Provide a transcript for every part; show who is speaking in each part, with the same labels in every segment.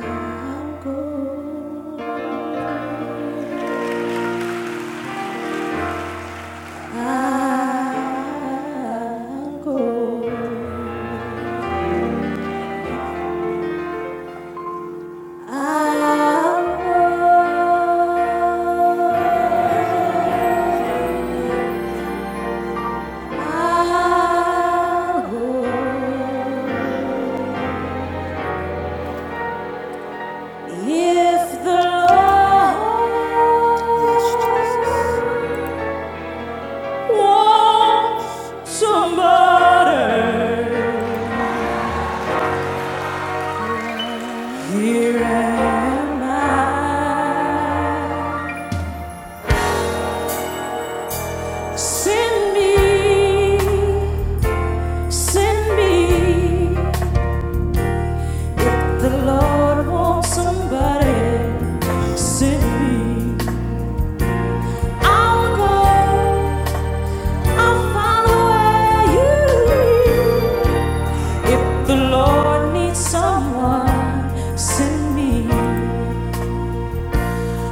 Speaker 1: I'll go. Here am I. Send me, send me. If the Lord wants somebody, send me. I'll go. I'll follow where you lead. If the Lord needs someone, send me.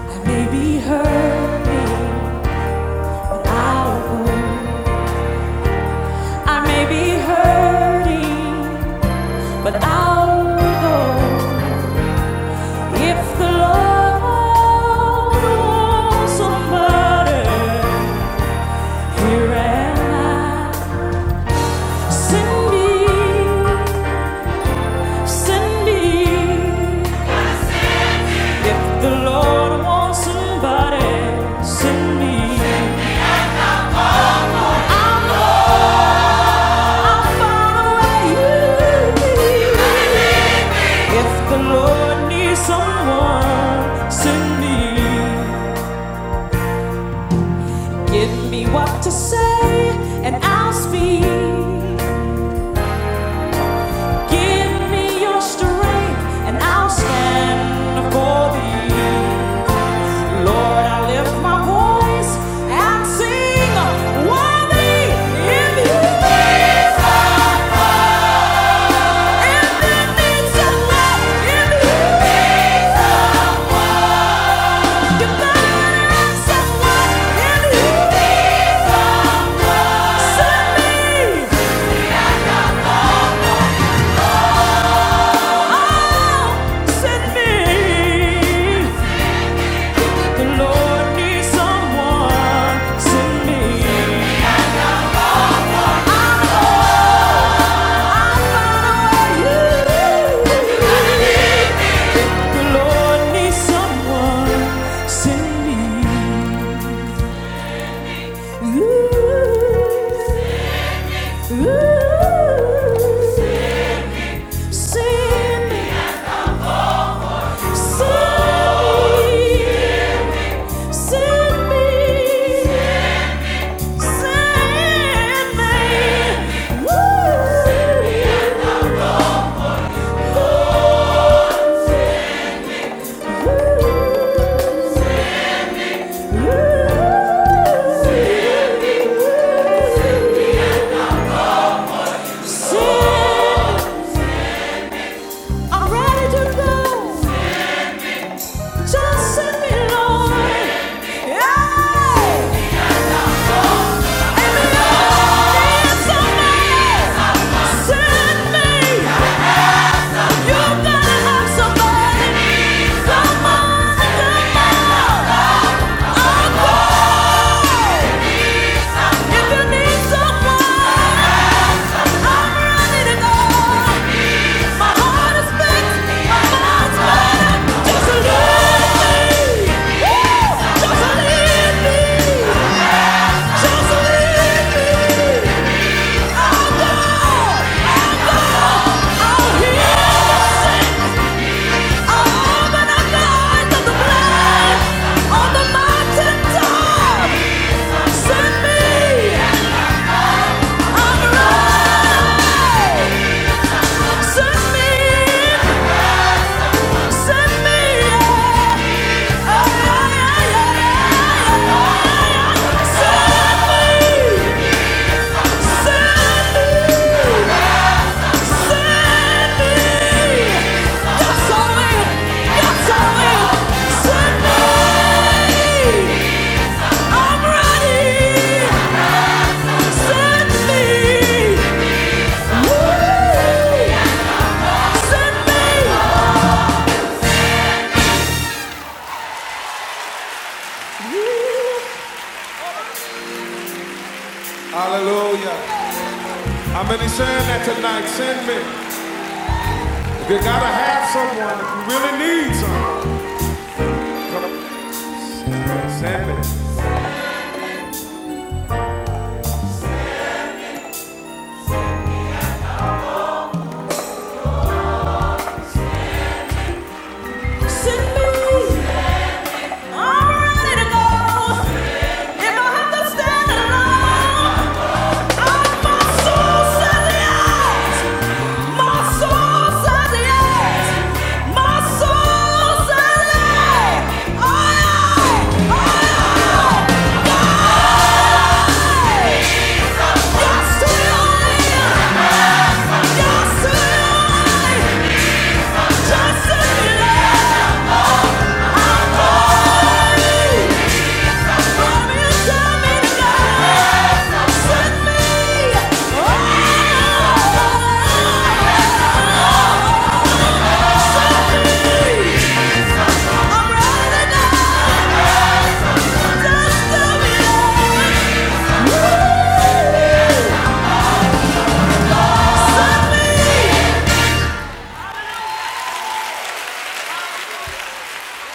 Speaker 1: I may be hurting, but I'll go. I may be hurting, but I'll go. If the Lord wants somebody, here am I. Send me, send me. If the Lord wants somebody, send me. I'm far away, If the Lord needs someone, send me. Give me what to say, and I'll speak. Give me your strength, and I'll stand for thee. Lord, I lift my voice and sing. Worthy if you please, if it needs a love, if you please. Send me, send me, send me. Send me! Send me! Hallelujah. How many saying that tonight? Send me. You gotta have someone if you really need someone. Come on. Send me. Send me. I'm ready to go. If I have to stand alone, my soul says yes. My soul says yes. My soul says yes. Aye, aye, aye, aye. Yes to your will.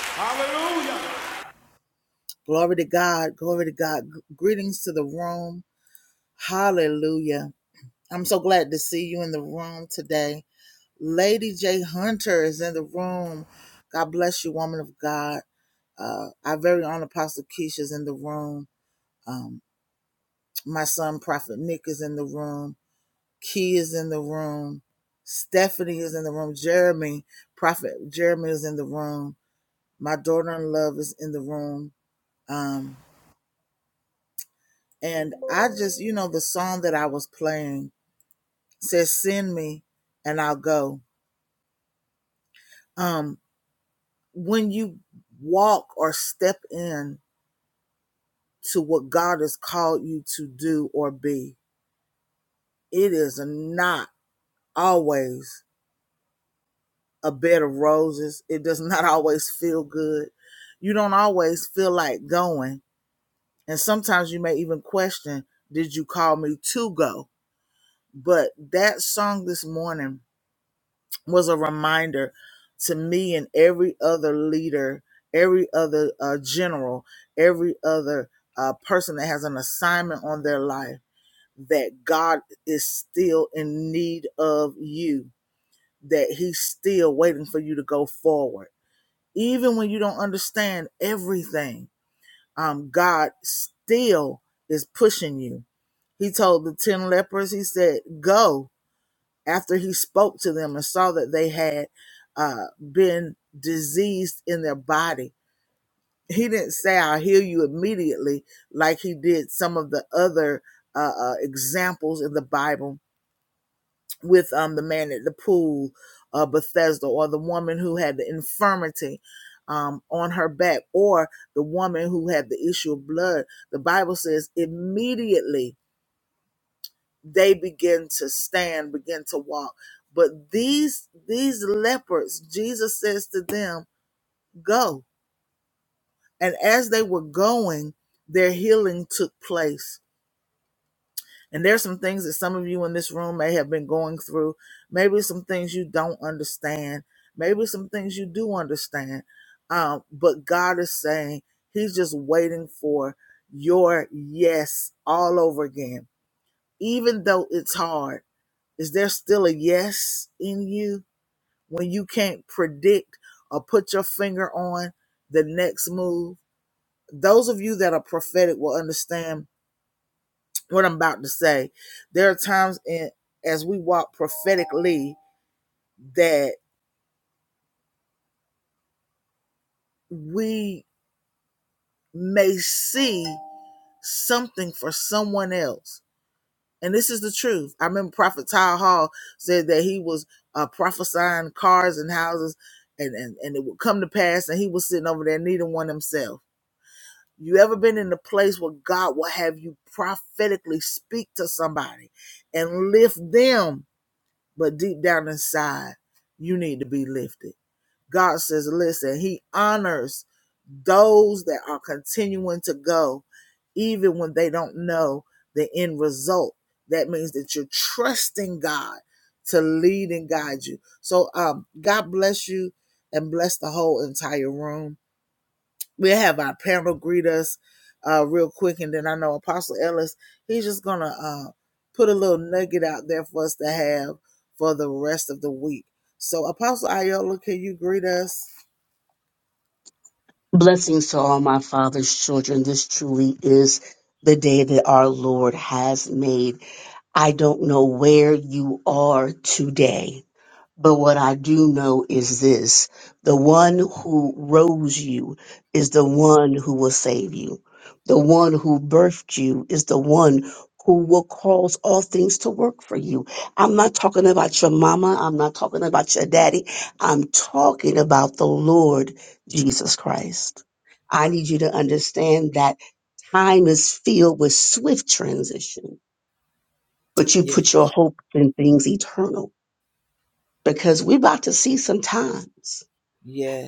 Speaker 1: Hallelujah.
Speaker 2: Blessings to all my father's children. This truly is the day that our Lord has made. I don't know where you are today but what I do know is this the one who rose you is the one who will save you. The one who birthed you is the one who will cause all things to work for you. I'm not talking about your mama. I'm not talking about your daddy. I'm talking about the Lord Jesus Christ. I need you to understand that time is filled with swift transition, but you put your hopes in things eternal because we're about to see some times.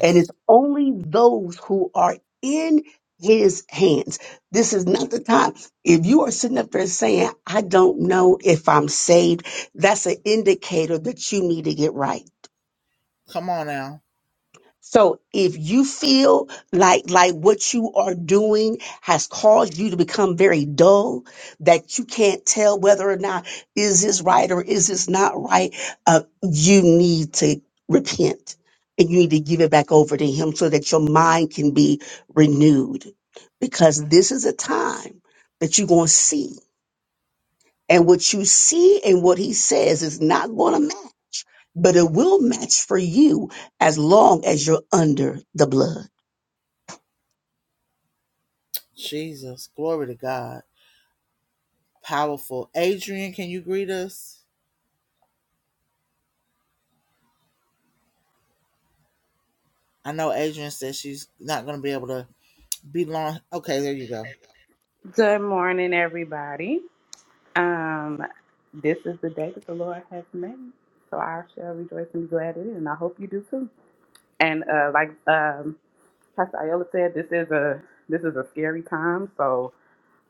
Speaker 2: And it's only those who are in his hands. This is not the time. If you are sitting up there saying, I don't know if I'm saved, that's an indicator that you need to get right. So if you feel like like what you are doing has caused you to become very dull, that you can't tell whether or not is this right or is this not right, uh, you need to repent and you need to give it back over to Him so that your mind can be renewed, because this is a time that you're going to see, and what you see and what He says is not going to match, but it will match for you as long as you're under the blood.
Speaker 3: Good morning, everybody. Um, this is the day that the Lord has made, so I shall rejoice and be glad in it, and I hope you do too. And uh, like um, Pastor Iola said, this is a this is a scary time. So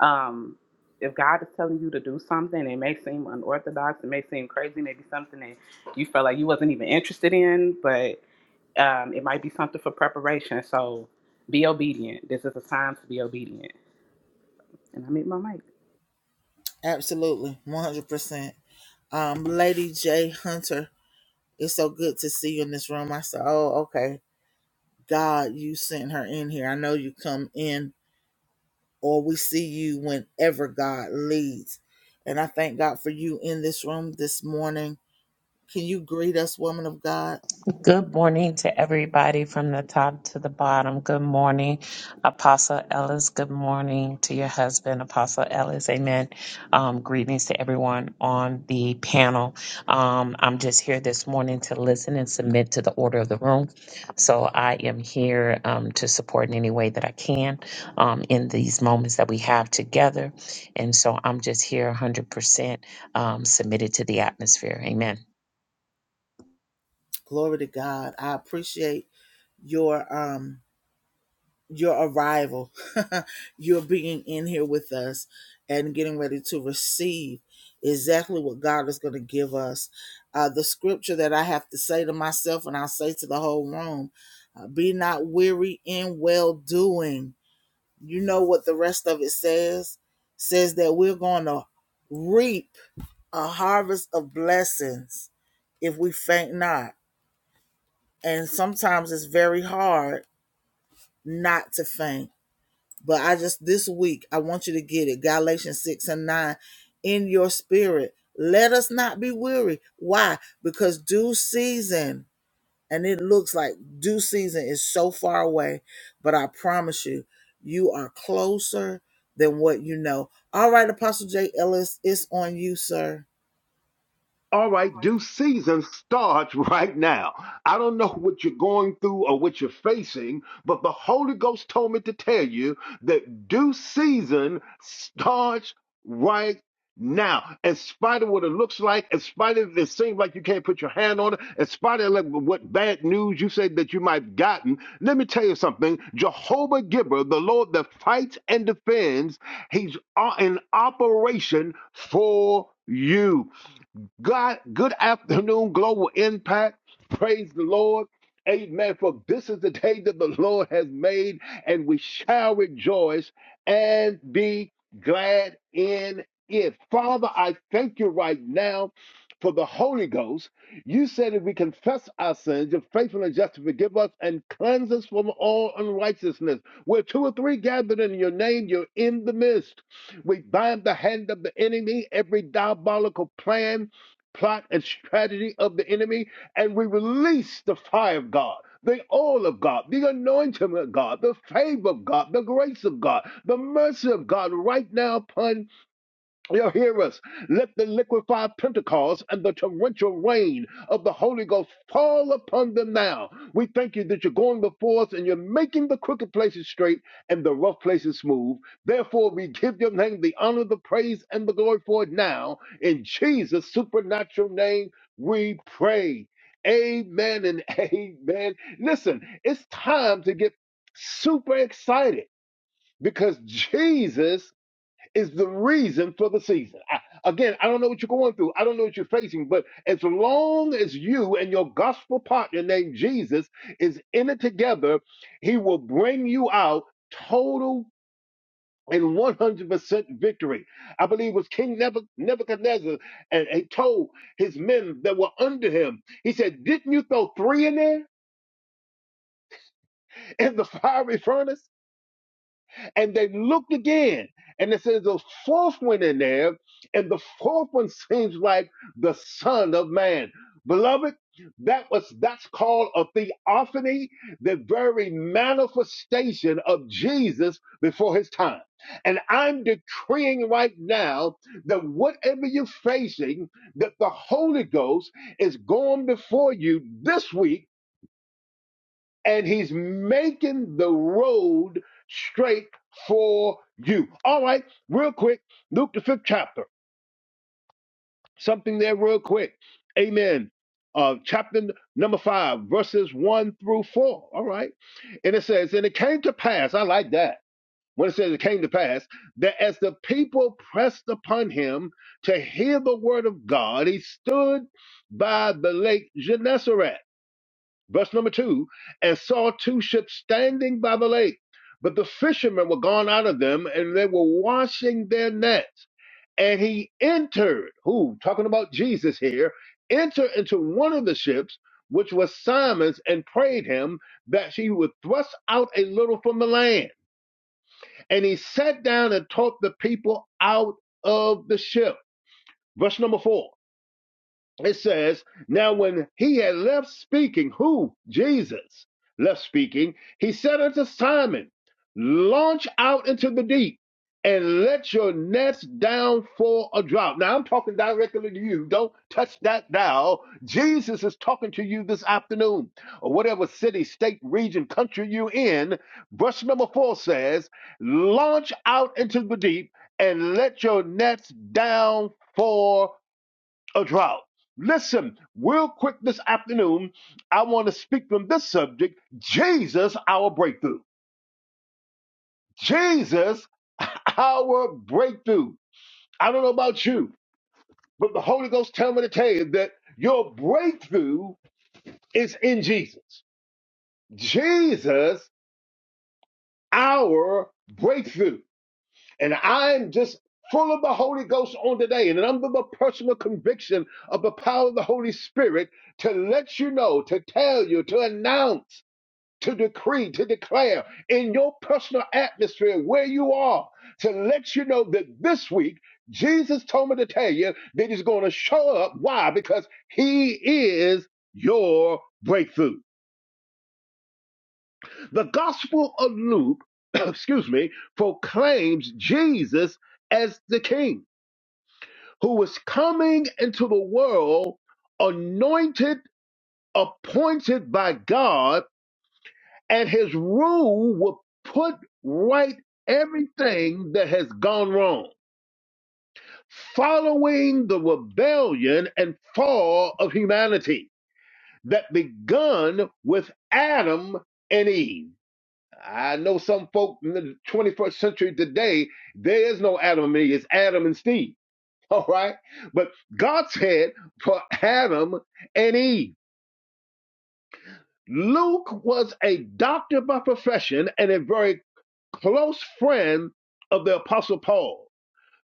Speaker 3: um, if God is telling you to do something, it may seem unorthodox, it may seem crazy, maybe something that you felt like you wasn't even interested in, but um, it might be something for preparation. So be obedient. This is a time to be obedient. And I meet my mic.
Speaker 4: Good morning to everybody from the top to the bottom. Good morning, Apostle Ellis. Good morning to your husband, Apostle Ellis. Amen. Um, greetings to everyone on the panel. Um, I'm just here this morning to listen and submit to the order of the room. So I am here um, to support in any way that I can um, in these moments that we have together. And so I'm just here 100% um, submitted to the atmosphere. Amen.
Speaker 5: All right, due season starts right now. I don't know what you're going through or what you're facing, but the Holy Ghost told me to tell you that due season starts right now. In spite of what it looks like, in spite of it seems like you can't put your hand on it, in spite of like what bad news you say that you might have gotten, let me tell you something. Jehovah Gibber, the Lord that fights and defends, he's uh, in operation for you. God, good afternoon, Global Impact. Praise the Lord. Amen. For this is the day that the Lord has made, and we shall rejoice and be glad in it. Father, I thank you right now for the Holy Ghost. You said if we confess our sins, you're faithful and just to forgive us and cleanse us from all unrighteousness. Where two or three gathered in your name, you're in the midst. We bind the hand of the enemy, every diabolical plan plot and strategy of the enemy, and we release the fire of God, the oil of God, the anointing of God, the favor of God, the grace of God, the mercy of God right now upon Y'all hear us. Let the liquefied Pentecost and the torrential rain of the Holy Ghost fall upon them now. We thank you that you're going before us and you're making the crooked places straight and the rough places smooth. Therefore, we give your name the honor, the praise, and the glory for it now. In Jesus' supernatural name, we pray. Amen and amen. Listen, it's time to get super excited because Jesus is the reason for the season. I, again, I don't know what you're going through. I don't know what you're facing, but as long as you and your gospel partner named Jesus is in it together, he will bring you out total and 100% victory. I believe it was King Nebu- Nebuchadnezzar and he told his men that were under him, he said, didn't you throw three in there in the fiery furnace? And they looked again, and it says the fourth one in there, and the fourth one seems like the Son of Man. Beloved, that was that's called a theophany, the very manifestation of Jesus before his time. And I'm decreeing right now that whatever you're facing, that the Holy Ghost is going before you this week and he's making the road straight for you. All right, real quick, Luke the fifth chapter. Something there, real quick. Amen. Uh, chapter number five, verses one through four. All right. And it says, And it came to pass, I like that. When it says it came to pass, that as the people pressed upon him to hear the word of God, he stood by the lake Gennesaret Verse number two, and saw two ships standing by the lake, but the fishermen were gone out of them, and they were washing their nets. And he entered, who, talking about Jesus here, entered into one of the ships, which was Simon's, and prayed him that she would thrust out a little from the land. And he sat down and taught the people out of the ship. Verse number four it says, Now when he had left speaking, who? Jesus left speaking, he said unto Simon, Launch out into the deep and let your nets down for a draught. Now I'm talking directly to you. Don't touch that dial. Jesus is talking to you this afternoon, or whatever city, state, region, country you in. Verse number four says, Launch out into the deep and let your nets down for a drought. Listen, real quick this afternoon, I want to speak from this subject Jesus, our breakthrough. Jesus, our breakthrough. I don't know about you, but the Holy Ghost tell me to tell you that your breakthrough is in Jesus. Jesus, our breakthrough. And I'm just full of the Holy Ghost on today, and under the personal conviction of the power of the Holy Spirit to let you know, to tell you, to announce. to decree, to declare in your personal atmosphere where you are, to let you know that this week, Jesus told me to tell you that He's going to show up. Why? Because He is your breakthrough. The Gospel of Luke, excuse me, proclaims Jesus as the King who was coming into the world anointed, appointed by God and his rule will put right everything that has gone wrong following the rebellion and fall of humanity that begun with Adam and Eve. I know some folk in the 21st century today, there is no Adam and Eve, it's Adam and Steve. All right. But God said for Adam and Eve. Luke was a doctor by profession and a very close friend of the Apostle Paul.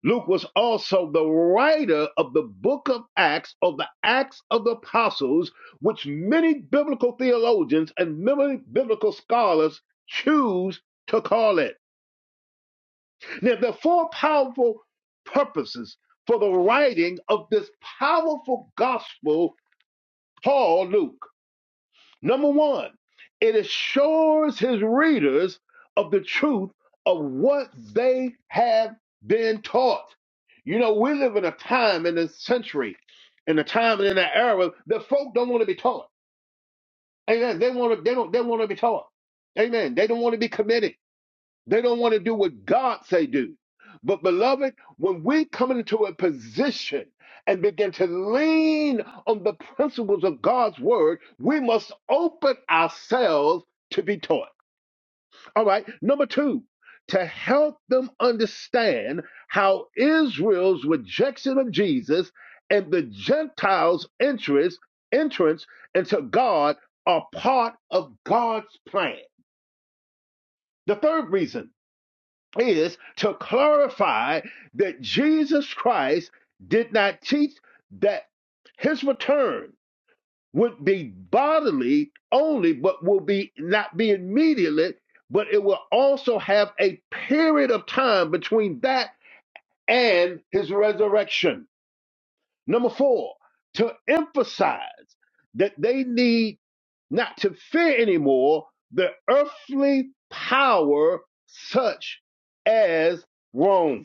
Speaker 5: Luke was also the writer of the book of Acts, or the Acts of the Apostles, which many biblical theologians and many biblical scholars choose to call it. Now, there are four powerful purposes for the writing of this powerful gospel, Paul Luke. Number one, it assures his readers of the truth of what they have been taught. You know, we live in a time in a century, in a time and in an era that folk don't want to be taught. Amen. They want to. They don't. They want to be taught. Amen. They don't want to be committed. They don't want to do what God say do. But beloved, when we come into a position and begin to lean on the principles of God's word, we must open ourselves to be taught. All right. Number two, to help them understand how Israel's rejection of Jesus and the Gentiles' interest entrance into God are part of God's plan. The third reason is to clarify that Jesus Christ did not teach that his return would be bodily only, but will be not be immediately, but it will also have a period of time between that and his resurrection. Number four, to emphasize that they need not to fear anymore the earthly power such as Rome.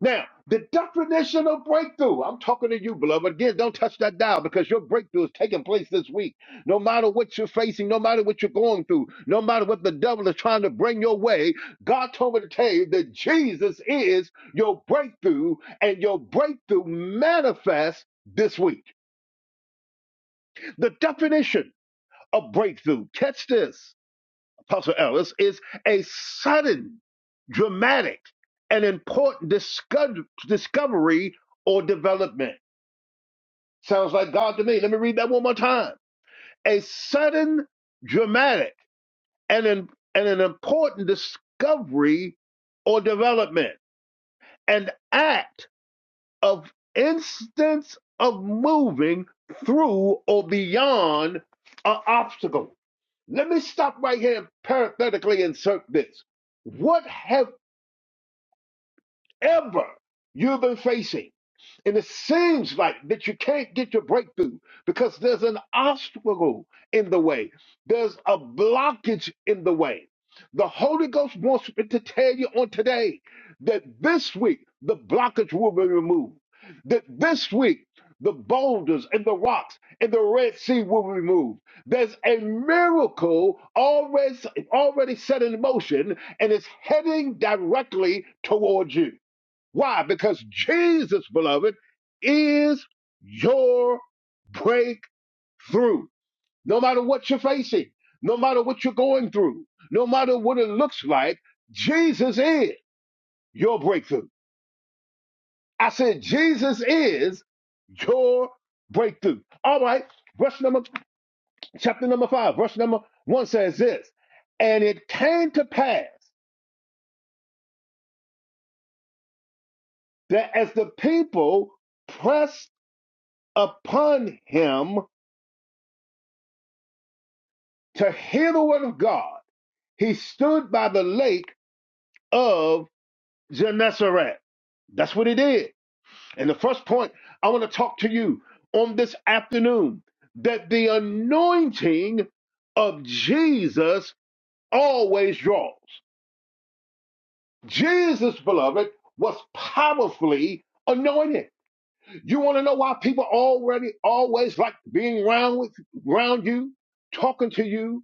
Speaker 5: Now, the doctrinational breakthrough. I'm talking to you, beloved. Again, don't touch that dial because your breakthrough is taking place this week. No matter what you're facing, no matter what you're going through, no matter what the devil is trying to bring your way, God told me to tell you that Jesus is your breakthrough and your breakthrough manifests this week. The definition of breakthrough. Catch this. Apostle Ellis, is a sudden, dramatic, and important disco- discovery or development. Sounds like God to me. Let me read that one more time. A sudden, dramatic, and an, and an important discovery or development. An act of instance of moving through or beyond an obstacle. Let me stop right here and parenthetically insert this. What have ever you've been facing. And it seems like that you can't get your breakthrough because there's an obstacle in the way, there's a blockage in the way. The Holy Ghost wants me to tell you on today that this week the blockage will be removed, that this week the boulders and the rocks and the Red Sea will be removed. There's a miracle already, already set in motion and it's heading directly towards you. Why? Because Jesus, beloved, is your breakthrough. No matter what you're facing, no matter what you're going through, no matter what it looks like, Jesus is your breakthrough. I said, Jesus is your breakthrough. All right, verse number, chapter number five, verse number one says this And it came to pass that as the people pressed upon him to hear the word of God, He stood by the lake of Gennesaret. That's what he did. And the first point I want to talk to you on this afternoon that the anointing of Jesus always draws. Jesus, beloved, was powerfully anointed. You want to know why people already always like being around with around you, talking to you,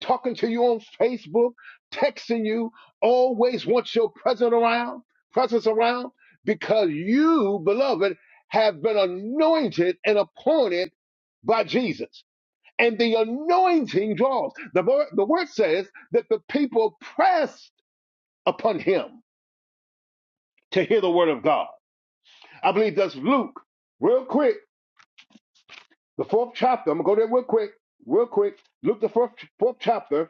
Speaker 5: talking to you on Facebook, texting you, always wants your presence around, presence around, because you, beloved, have been anointed and appointed by Jesus. And the anointing draws. The, word- the word says that the people pressed upon him to hear the word of God. I believe that's Luke. Real quick, the fourth chapter. I'm gonna go there real quick, real quick. Luke the fourth, fourth chapter,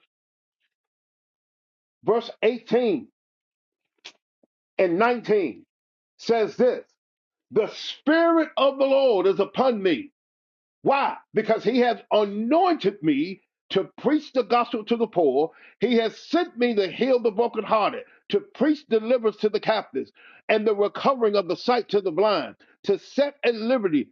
Speaker 5: verse 18. and 19 says this The Spirit of the Lord is upon me why? Because he has anointed me to preach the gospel to the poor. He has sent me to heal the brokenhearted, to preach deliverance to the captives, and the recovering of the sight to the blind, to set at liberty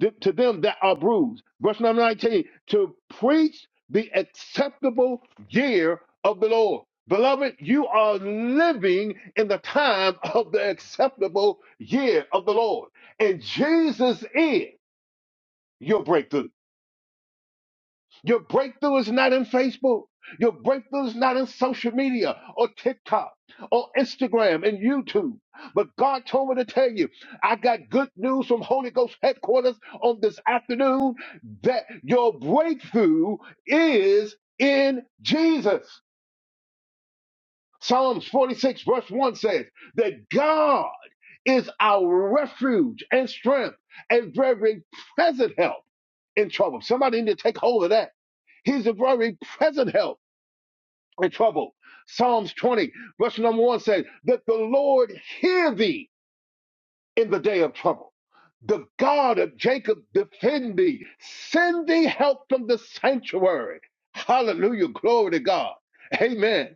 Speaker 5: th- to them that are bruised. Verse number 19, to preach the acceptable year of the Lord. Beloved, you are living in the time of the acceptable year of the Lord. And Jesus is your breakthrough. Your breakthrough is not in Facebook. Your breakthrough is not in social media or TikTok or Instagram and YouTube. But God told me to tell you, I got good news from Holy Ghost headquarters on this afternoon that your breakthrough is in Jesus. Psalms 46, verse 1 says that God is our refuge and strength a very present help in trouble. Somebody need to take hold of that. He's a very present help in trouble. Psalms 20, verse number 1 says that the Lord hear thee in the day of trouble. The God of Jacob defend thee. Send thee help from the sanctuary. Hallelujah. Glory to God. Amen.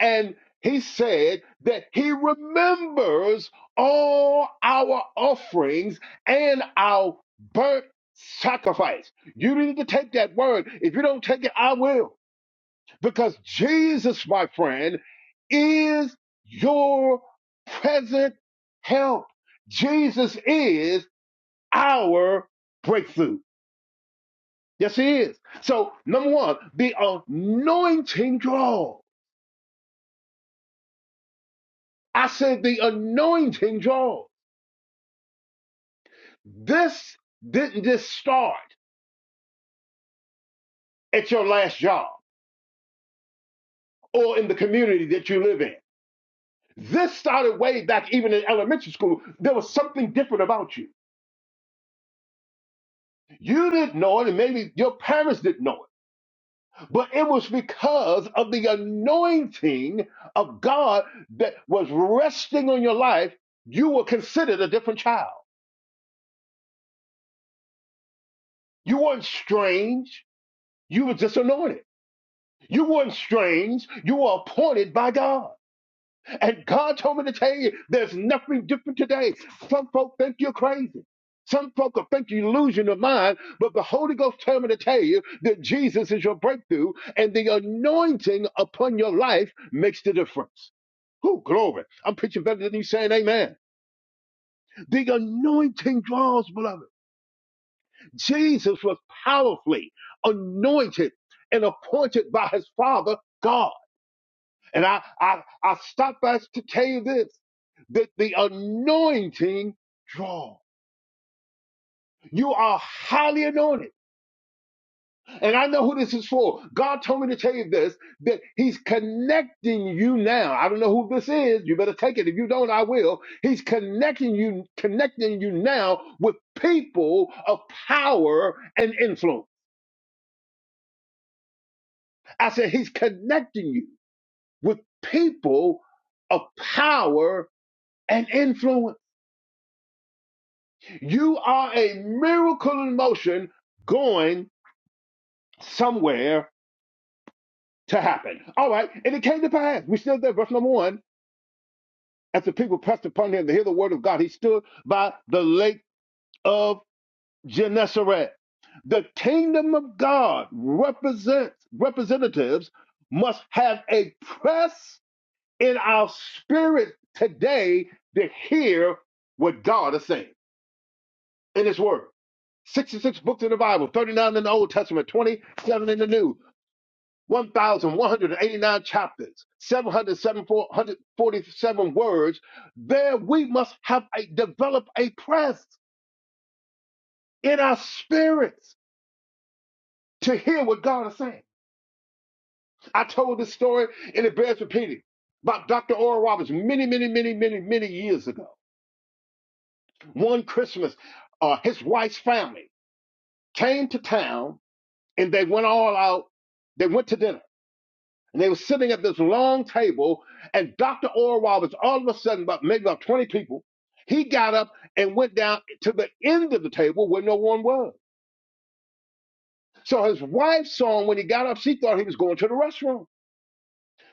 Speaker 5: And he said that he remembers all our offerings and our burnt sacrifice. You need to take that word. If you don't take it, I will. Because Jesus, my friend, is your present help. Jesus is our breakthrough. Yes, he is. So, number one, the anointing draw. I said the anointing draw. This didn't just start at your last job or in the community that you live in. This started way back even in elementary school. There was something different about you. You didn't know it, and maybe your parents didn't know it, but it was because of the anointing of God that was resting on your life. You were considered a different child. You weren't strange. You were just anointed. You weren't strange. You were appointed by God. And God told me to tell you, there's nothing different today. Some folk think you're crazy. Some folk will think you're losing your mind, but the Holy Ghost told me to tell you that Jesus is your breakthrough, and the anointing upon your life makes the difference. Who glory! I'm preaching better than you saying amen. The anointing draws, beloved. Jesus was powerfully anointed and appointed by his Father God. And I, I, I stop by to tell you this that the anointing draw. You are highly anointed. And I know who this is for. God told me to tell you this that He's connecting you now. I don't know who this is. You better take it. If you don't, I will. He's connecting you, connecting you now with people of power and influence. I said, He's connecting you with people of power and influence. You are a miracle in motion going somewhere to happen. All right. And it came to pass. We still there. Verse number one. As the people pressed upon him to hear the word of God, he stood by the lake of Gennesaret. The kingdom of God represents representatives must have a press in our spirit today to hear what God is saying. in His Word. 66 books in the Bible, 39 in the Old Testament, 27 in the New, 1,189 chapters, 747 words. There we must have a develop a press in our spirits to hear what God is saying. I told this story and it bears repeating about Dr. Oral Roberts many, many, many, many, many years ago. One Christmas, uh, his wife's family came to town and they went all out. They went to dinner And they were sitting at this long table, and Dr. Oral Roberts, all of a sudden, about maybe about 20 people, he got up and went down to the end of the table where no one was. So his wife saw him when he got up. She thought he was going to the restroom.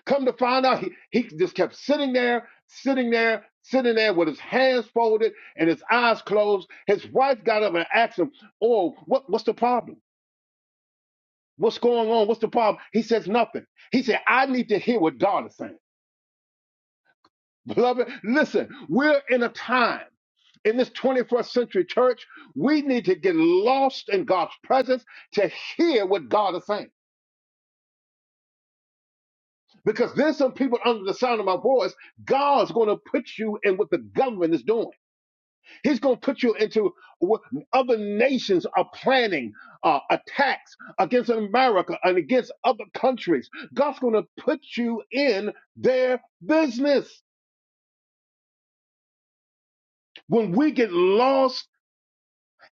Speaker 5: Come to find out, he, he just kept sitting there, sitting there, sitting there with his hands folded and his eyes closed. His wife got up and asked him, Oh, what, what's the problem? What's going on? What's the problem? He says, Nothing. He said, I need to hear what God is saying. Beloved, listen, we're in a time in this 21st century church, we need to get lost in God's presence to hear what God is saying. Because there's some people under the sound of my voice, God's going to put you in what the government is doing. He's going to put you into what other nations are planning uh, attacks against America and against other countries. God's going to put you in their business. When we get lost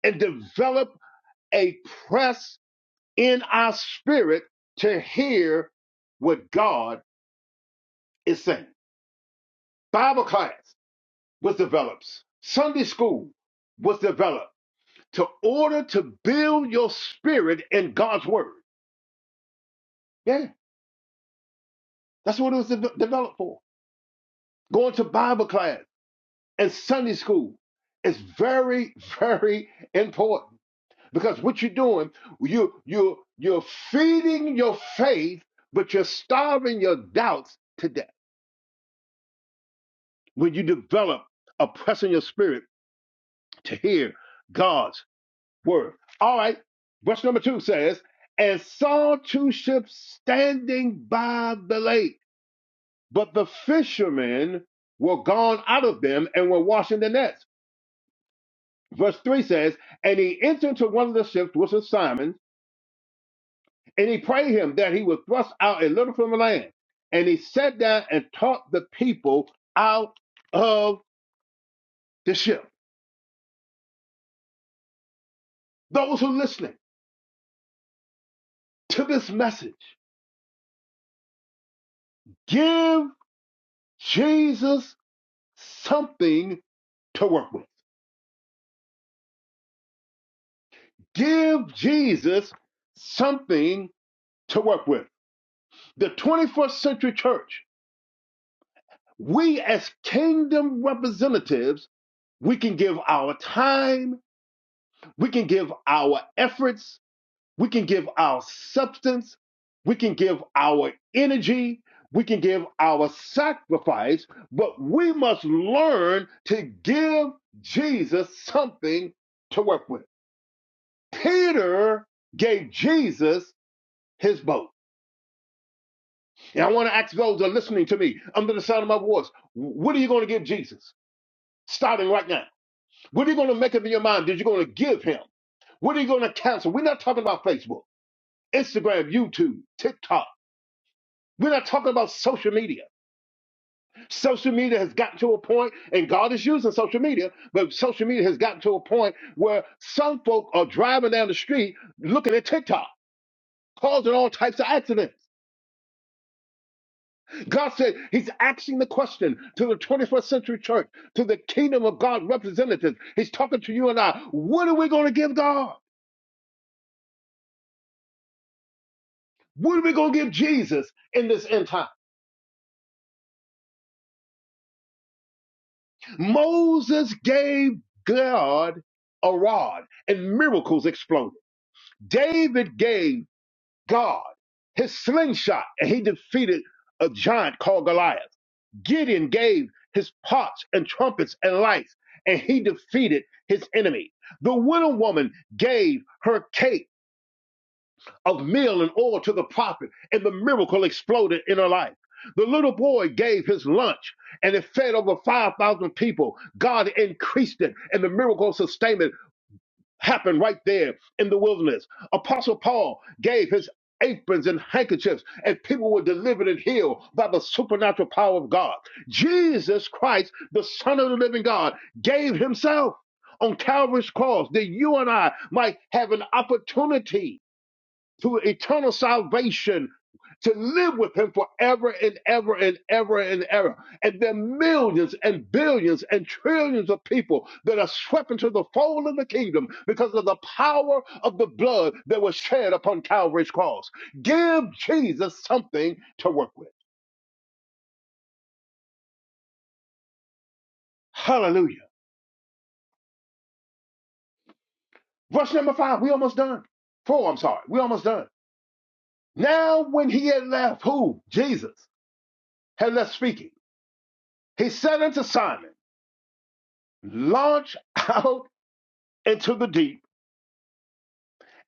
Speaker 5: and develop a press in our spirit to hear what God is saying. Bible class was developed, Sunday school was developed to order to build your spirit in God's word. Yeah, that's what it was de- developed for. Going to Bible class and Sunday school is very, very important because what you're doing, you you you're feeding your faith, but you're starving your doubts to death. when you develop a press in your spirit to hear God's word. All right, verse number two says, And saw two ships standing by the lake, but the fishermen were gone out of them and were washing their nets. Verse 3 says, And he entered into one of the ships, which was Simon, and he prayed him that he would thrust out a little from the land. And he sat down and taught the people out of the ship. Those who are listening to this message, Give Jesus something to work with. Give Jesus something to work with. The 21st century church, we as kingdom representatives, we can give our time, we can give our efforts, we can give our substance, we can give our energy, we can give our sacrifice, but we must learn to give Jesus something to work with. Peter gave Jesus his boat. And I want to ask those that are listening to me under the sound of my voice, what are you going to give Jesus? Starting right now. What are you going to make up in your mind Did you going to give him? What are you going to cancel? We're not talking about Facebook, Instagram, YouTube, TikTok. We're not talking about social media. Social media has gotten to a point, and God is using social media, but social media has gotten to a point where some folk are driving down the street looking at TikTok, causing all types of accidents. God said He's asking the question to the 21st century church, to the kingdom of God representatives. He's talking to you and I. What are we going to give God? What are we going to give Jesus in this end time? Moses gave God a rod and miracles exploded. David gave God his slingshot and he defeated a giant called Goliath. Gideon gave his pots and trumpets and lights, and he defeated his enemy. The widow woman gave her cake of meal and oil to the prophet, and the miracle exploded in her life. The little boy gave his lunch, and it fed over 5,000 people. God increased it, and the miracle sustained it happened right there in the wilderness. Apostle Paul gave his aprons and handkerchiefs, and people were delivered and healed by the supernatural power of God. Jesus Christ, the Son of the living God, gave himself on Calvary's cross that you and I might have an opportunity to eternal salvation, to live with him forever and ever and ever and ever. And there are millions and billions and trillions of people that are swept into the fold of the kingdom because of the power of the blood that was shed upon Calvary's cross. Give Jesus something to work with. Hallelujah. Verse number five, we almost done. Four, I'm sorry, we almost done. Now, when he had left, who? Jesus had left speaking. He said unto Simon, Launch out into the deep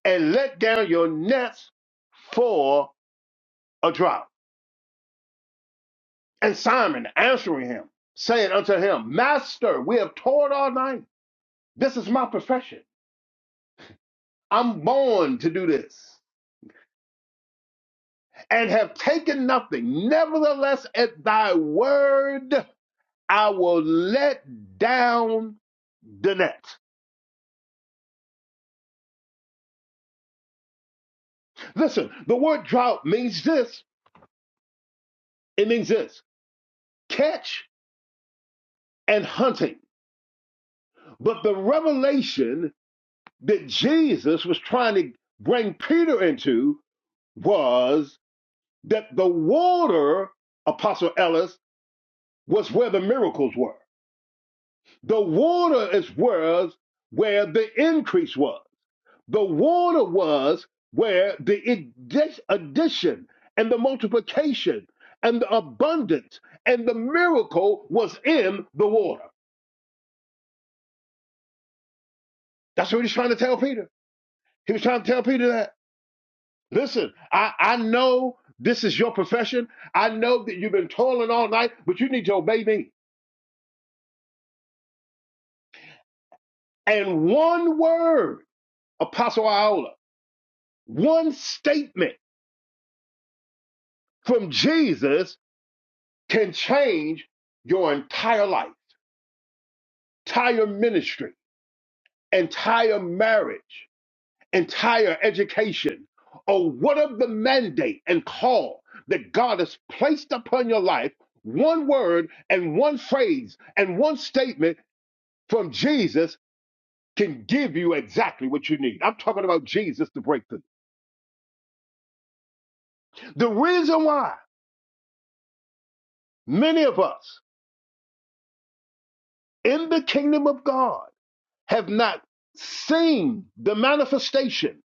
Speaker 5: and let down your nets for a drought. And Simon answering him, saying unto him, Master, we have toiled all night. This is my profession. I'm born to do this and have taken nothing. Nevertheless, at thy word, I will let down the net. Listen, the word drought means this. It means this catch and hunting. But the revelation that Jesus was trying to bring Peter into was that the water, Apostle Ellis, was where the miracles were. The water is where where the increase was. The water was where the addition and the multiplication and the abundance and the miracle was in the water. That's what he was trying to tell Peter. He was trying to tell Peter that. Listen, I, I know this is your profession. I know that you've been toiling all night, but you need to obey me. And one word, Apostle Iola, one statement from Jesus can change your entire life, entire ministry, entire marriage, entire education, or what of the mandate and call that God has placed upon your life. One word and one phrase and one statement from Jesus can give you exactly what you need. I'm talking about Jesus, the breakthrough. The reason why many of us in the kingdom of God have not seen the manifestation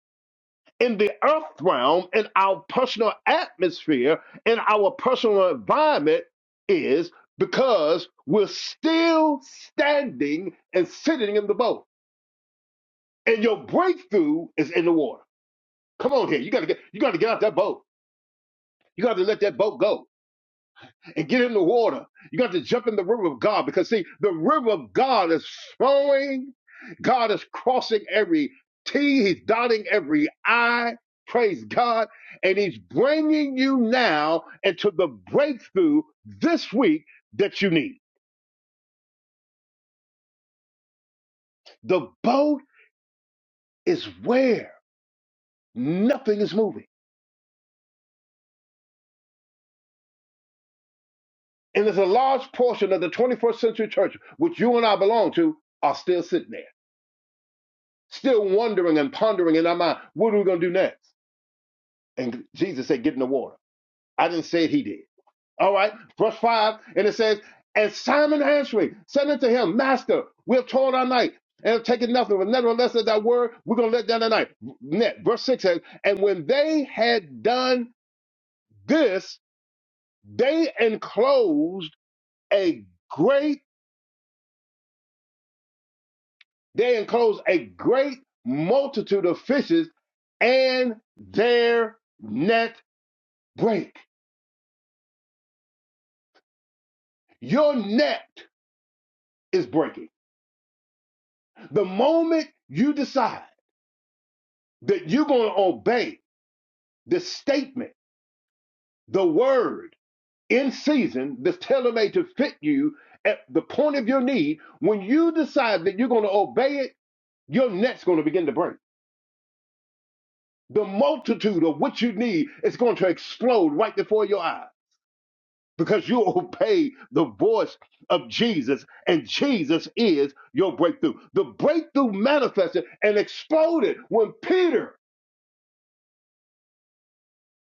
Speaker 5: in the earth realm, in our personal atmosphere, in our personal environment is because we're still standing and sitting in the boat. And your breakthrough is in the water. Come on here. You gotta get you gotta get out that boat. You gotta let that boat go. and get in the water. You got to jump in the river of God because, see, the river of God is flowing. God is crossing every T, He's dotting every I. Praise God. And He's bringing you now into the breakthrough this week that you need. The boat is where nothing is moving. And there's a large portion of the 21st century church, which you and I belong to, are still sitting there, still wondering and pondering in our mind, what are we going to do next? And Jesus said, Get in the water. I didn't say it, he did. All right, verse 5, and it says, And Simon answering said unto him, Master, we have toiled our night and have taken nothing, but nevertheless at thy word, we're going to let down the night. Net. Verse 6 says, And when they had done this, they enclosed a great, they enclosed a great multitude of fishes, and their net break. Your net is breaking The moment you decide that you're going to obey the statement, the word in season that's tailor made to fit you at the point of your need, when you decide that you're going to obey it, your net's going to begin to break. The multitude of what you need is going to explode right before your eyes because you obey the voice of Jesus, and Jesus is your breakthrough. The breakthrough manifested and exploded when Peter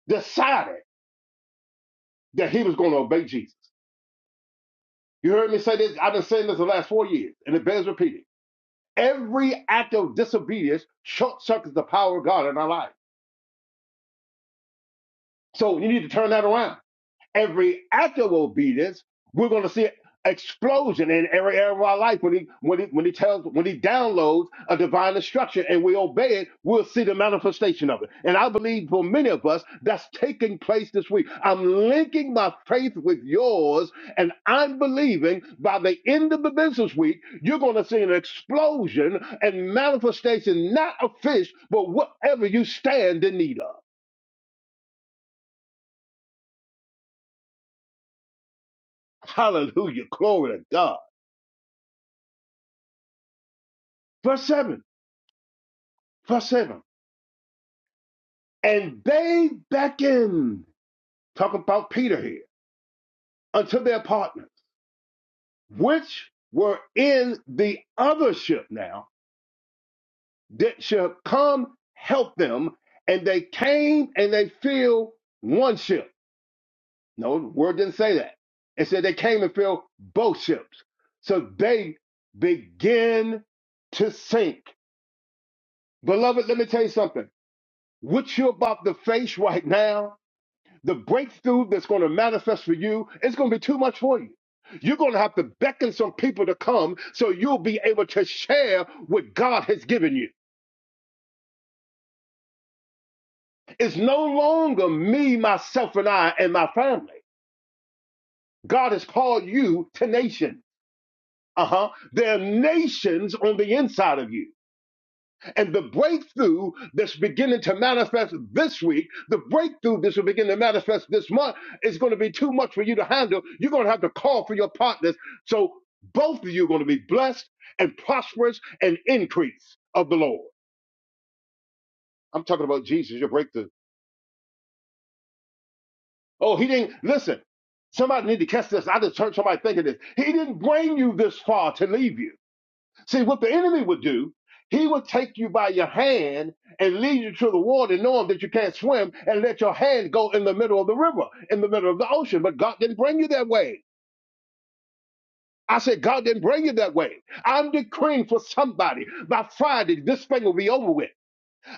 Speaker 5: decided. that he was going to obey Jesus. You heard me say this? I've been saying this the last four years, and it bears repeating. Every act of disobedience short circuits the power of God in our life. So you need to turn that around. every act of obedience, we're going to see an explosion in every area of our life when he when he when he tells when he downloads a divine instruction and we obey it we'll see the manifestation of it and i believe for many of us that's taking place this week i'm linking my faith with yours and i'm believing by the end of the business week you're going to see an explosion and manifestation not of fish but whatever you stand in need of hallelujah glory to god verse 7 Verse 7 And they beckoned, talk about Peter here, unto their partners, which were in the other ship now, that should come help them. And they came and they filled one ship. No, the word didn't say that. It said they came and filled both ships. So they begin to sink. Beloved, let me tell you something. What you're about to face right now The breakthrough that's going to manifest for you is going to be too much for you. You're going to have to beckon some people to come so you'll be able to share what God has given you. It's no longer me, myself, and I and my family. God has called you to nations. Uh huh. There are nations on the inside of you. And the breakthrough that's beginning to manifest this week, the breakthrough that's will begin to manifest this month is going to be too much for you to handle. You're going to have to call for your partners. So both of you are going to be blessed and prosperous and increase of the Lord. I'm talking about Jesus, your breakthrough. Oh, he didn't listen. Somebody need to catch this. I just heard somebody thinking this. He didn't bring you this far to leave you. See, what the enemy would do, he would take you by your hand and lead you to the water, knowing that you can't swim, and let your hand go in the middle of the river, in the middle of the ocean. But God didn't bring you that way. I said, God didn't bring you that way. I'm decreeing for somebody by Friday, this thing will be over with.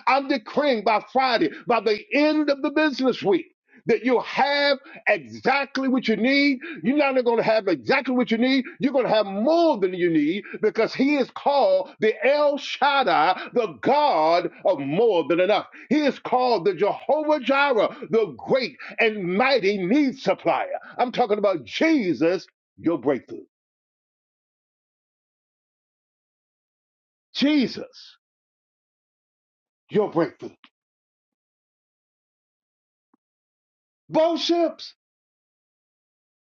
Speaker 5: I'm decreeing by Friday, by the end of the business week, that you'll have exactly what you need. You're not going to have exactly what you need. You're going to have more than you need because He is called the El Shaddai, the God of more than enough. He is called the Jehovah Jireh, the great and mighty need supplier. I'm talking about Jesus, your breakthrough. Jesus, your breakthrough. Both ships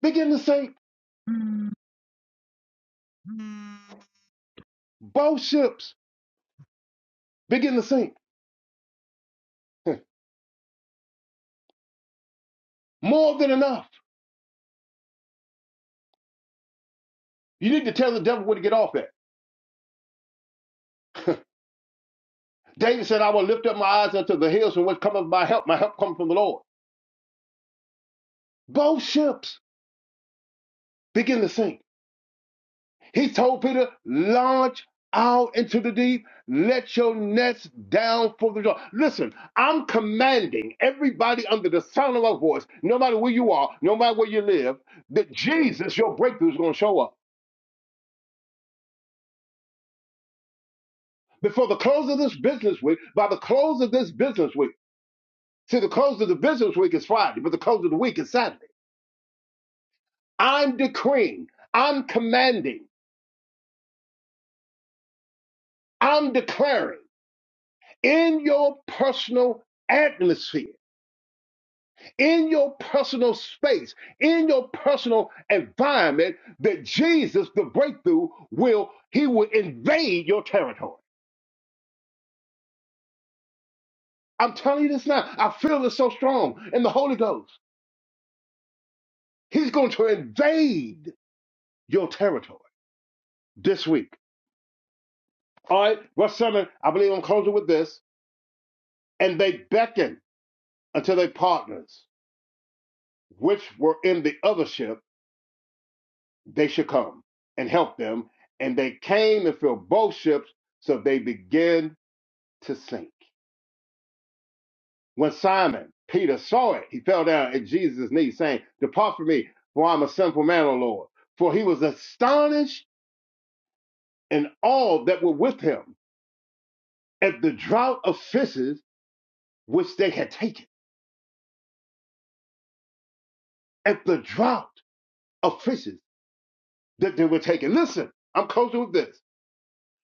Speaker 5: begin to sink. Both ships begin to sink More than enough. You need to tell the devil where to get off at. David said, I will lift up my eyes unto the hills from which cometh my help. My help comes from the Lord. Both ships begin to sink. He told Peter, launch out into the deep. Let your nets down for the shore. Listen, I'm commanding everybody under the sound of my voice, no matter where you are, no matter where you live, that Jesus, your breakthrough is going to show up. Before the close of this business week, by the close of this business week, See, the close of the business week is Friday, but the close of the week is Saturday. I'm decreeing, I'm commanding, I'm declaring in your personal atmosphere, in your personal space, in your personal environment that Jesus, the breakthrough, will, he will invade your territory. I'm telling you this now. I feel it so strong in the Holy Ghost. He's going to invade your territory this week. All right, Russ Summon, I believe I'm closing with this. And they beckoned unto their partners, which were in the other ship, they should come and help them. And they came and filled both ships, so they began to sink. When Simon Peter saw it, he fell down at Jesus' knees, saying, Depart from me, for I'm a sinful man, O Lord. For he was astonished and all that were with him at the draught of fishes which they had taken, at the draught of fishes that they were taking. Listen, I'm closing with this.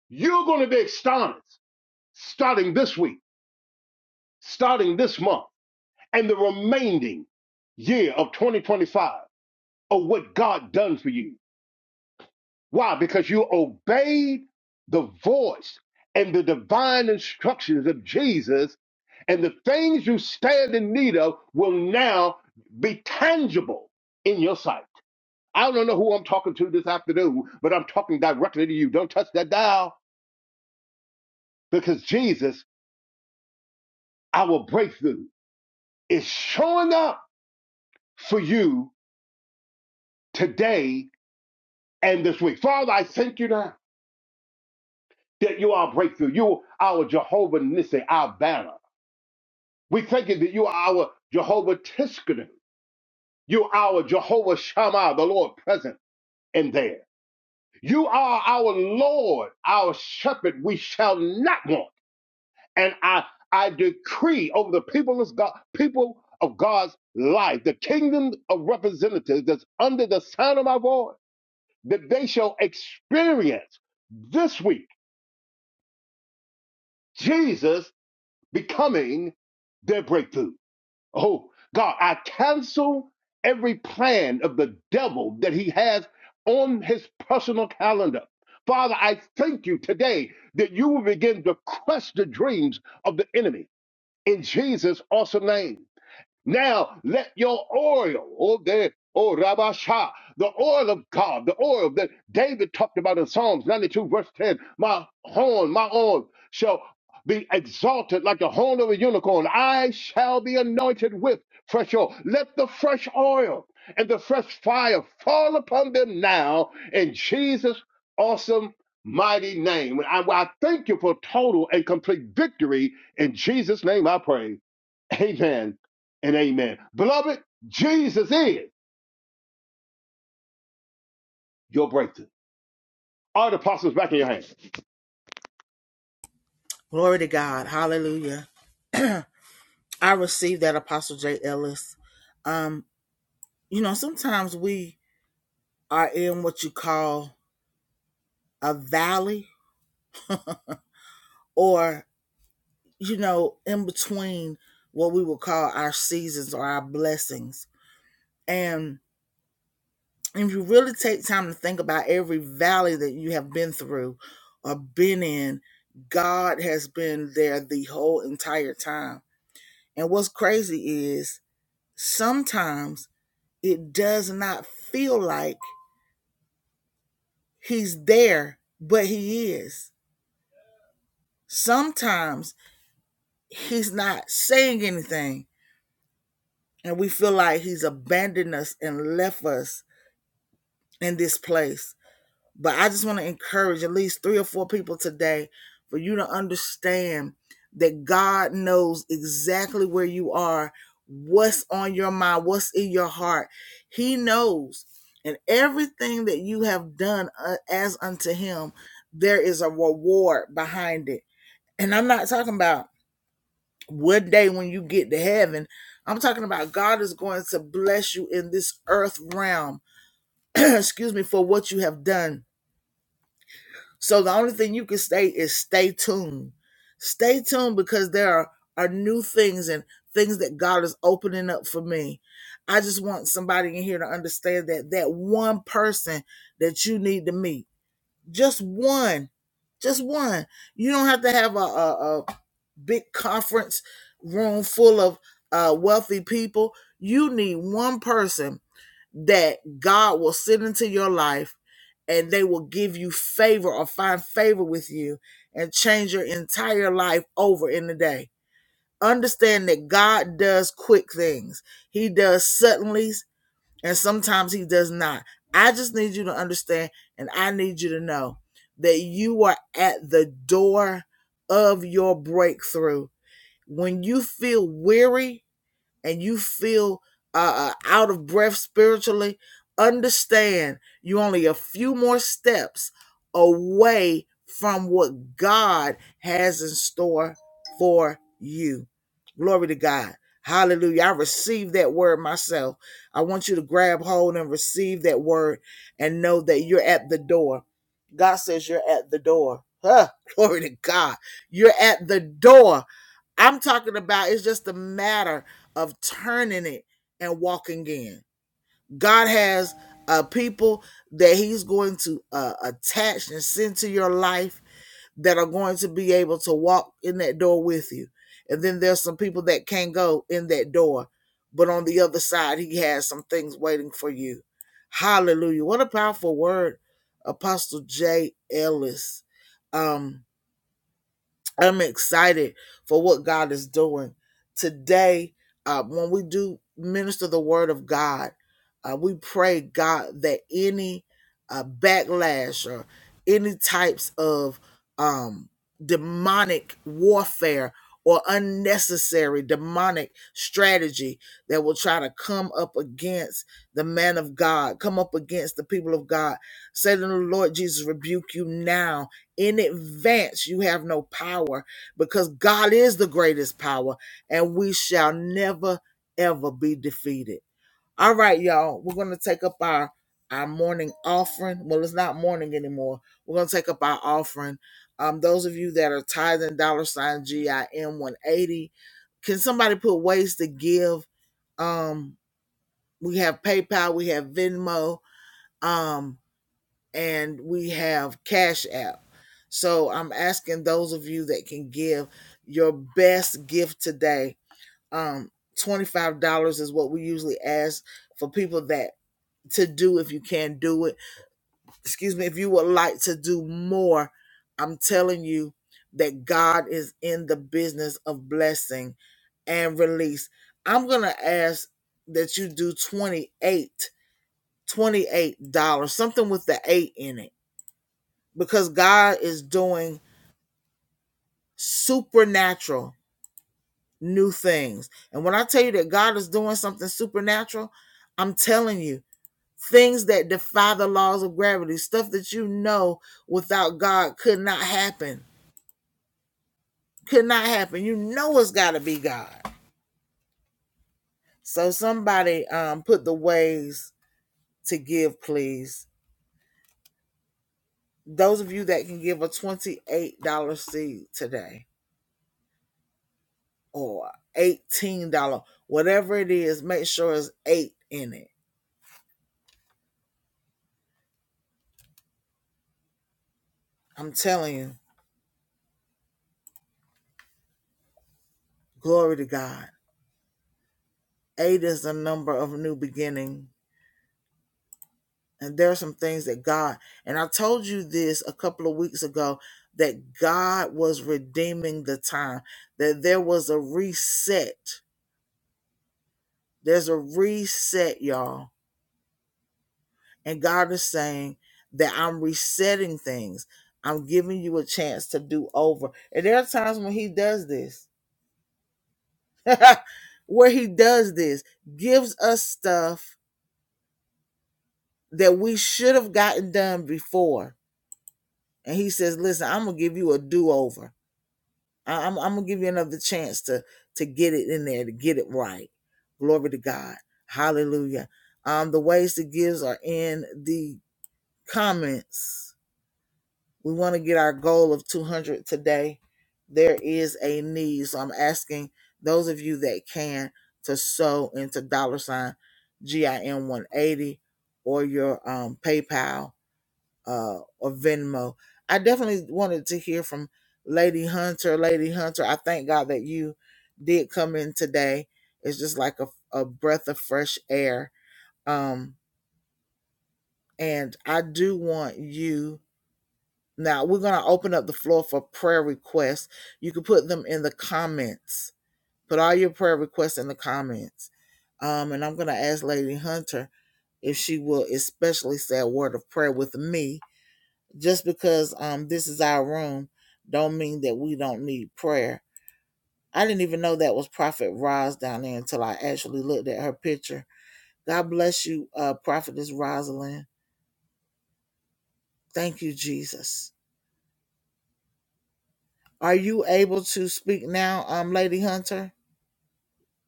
Speaker 5: You're going to be astonished starting this week, starting this month, and the remaining year of 2025 of what God done for you. Why? Because you obeyed the voice and the divine instructions of Jesus, and the things you stand in need of will now be tangible in your sight. I don't know who I'm talking to this afternoon, but I'm talking directly to you. Don't touch that dial because Jesus, our breakthrough. is showing up for you today and this week. Father, I thank you now that you are our breakthrough. You are our Jehovah Nissi, our banner. We thank you that you are our Jehovah Tiskanu. You are our Jehovah Shammah, the Lord present in there. You are our Lord, our shepherd. We shall not want. And I, I decree over the people of God, people of God's life, the kingdom of representatives that's under the sound of my voice. that they shall experience this week Jesus becoming their breakthrough. Oh, God, I cancel every plan of the devil that he has on his personal calendar. Father, I thank you today that you will begin to crush the dreams of the enemy in Jesus' awesome name. Now let your oil, oh, there, oh, Rabashah, the oil of God, the oil that David talked about in Psalms 92, verse 10, my horn, my oil shall be exalted like the horn of a unicorn. I shall be anointed with fresh oil. Let the fresh oil and the fresh fire fall upon them now in Jesus' awesome, mighty name. And I, well, I thank you for total and complete victory. In Jesus' name I pray. Amen and amen. Beloved, Jesus is your breakthrough. All the apostles back in your hands.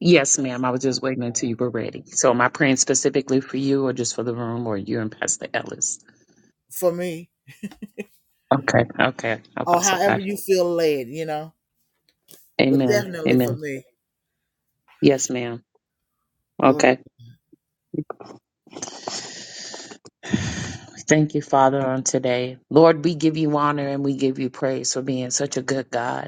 Speaker 4: Yes, ma'am. I was just waiting until you were ready. So, am I praying specifically for you or just for the room or you and Pastor Ellis? Okay. Okay. Apostle got it. Amen. Amen. Yes, ma'am. Okay. Thank you, Father, on today. Lord, we give you honor and we give you praise for being such a good God.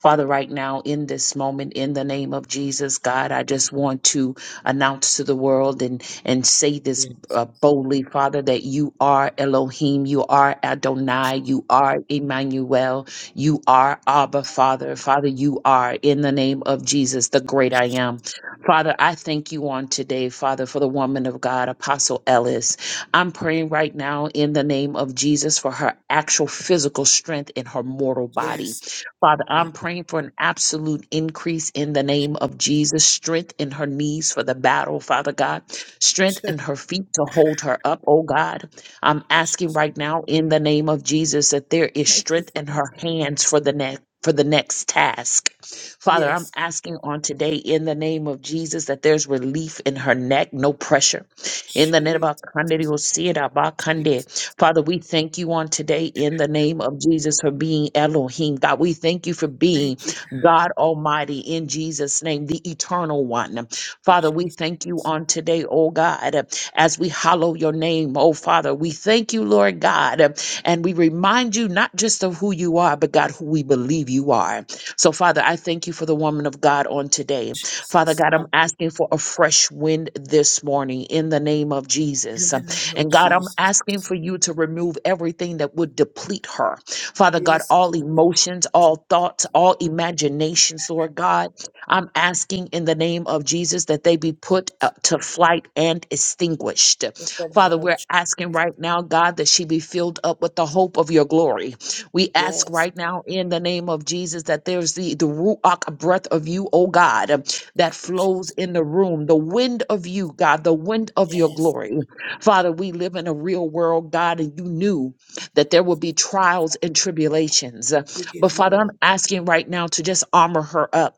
Speaker 4: Father, right now in this moment, in the name of Jesus, God, I just want to announce to the world and, and say this uh, boldly, Father, that you are Elohim, you are Adonai, you are Emmanuel, you are Abba, Father. Father, you are in the name of Jesus, the great I am. Father, I thank you on today, Father, for the woman of God, Apostle Ellis. I'm praying right now in the name of Jesus for her actual physical strength in her mortal body. Father, I'm praying for an absolute increase in the name of Jesus. Strength in her knees for the battle, Father God. Strength in her feet to hold her up, oh God. I'm asking right now in the name of Jesus that there is strength in her hands for the next. For the next task. Father, I'm asking on today in the name of Jesus that there's relief in her neck, no pressure. In the name of Father, we thank you on today in the name of Jesus for being Elohim. God, we thank you for being God Almighty in Jesus' name, the eternal one. Father, we thank you on today, oh God, as we hallow your name, oh Father. We thank you, Lord God, and we remind you not just of who you are, but God, who we believe you are. So, Father, I thank you for the woman of God on today. Father God, I'm asking for a fresh wind this morning in the name of Jesus. And God, I'm asking for you to remove everything that would deplete her. Father God, all emotions, all thoughts, all imaginations, Lord God, I'm asking in the name of Jesus that they be put uh, to flight and extinguished. Father, we're asking right now, God, that she be filled up with the hope of your glory. We ask right now in the name of Jesus that there's the, the Ruach breath of you, oh God that flows in the room, the wind of you, God, the wind of your glory. Father, we live in a real world, God, and you knew that there would be trials and tribulations. But Father, I'm asking right now to just armor her up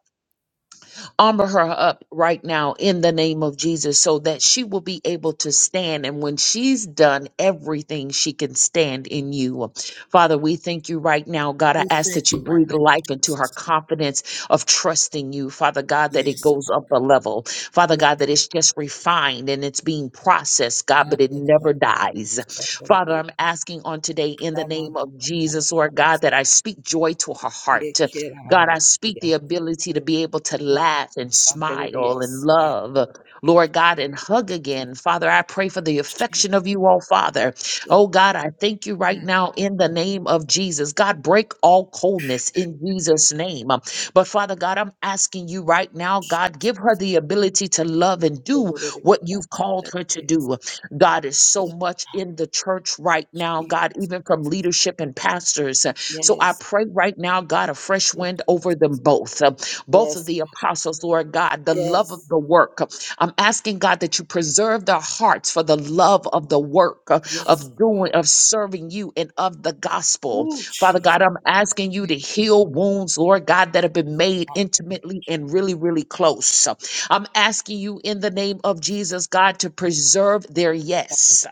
Speaker 4: Armor her up right now in the name of Jesus so that she will be able to stand. And when she's done everything, she can stand in you. Father, we thank you right now. God, I ask that you breathe life into her confidence of trusting you. Father God, that it goes up a level. Father God, that it's just refined and it's being processed, God, but it never dies. Father, I'm asking on today in the name of Jesus, Lord God, that I speak joy to her heart. God, I speak the ability to be able to laugh and smile and love, Lord God, and hug again. Father, I pray for the affection of you, oh Father. Oh God, I thank you right now in the name of Jesus. God, break all coldness in Jesus' name. Um, But Father God, I'm asking you right now, God, give her the ability to love and do what you've called her to do. God is so much in the church right now, God, even from leadership and pastors. So I pray right now, God, a fresh wind over them both, uh, both of the apostles, Lord God, the love of the work. I'm asking God that you preserve their hearts for the love of the work uh, of doing, of serving you and of the gospel. Father God, I'm asking you to heal wounds, Lord God, that have been made intimately and really, really close. I'm asking you in the name of Jesus, God, to preserve their yes.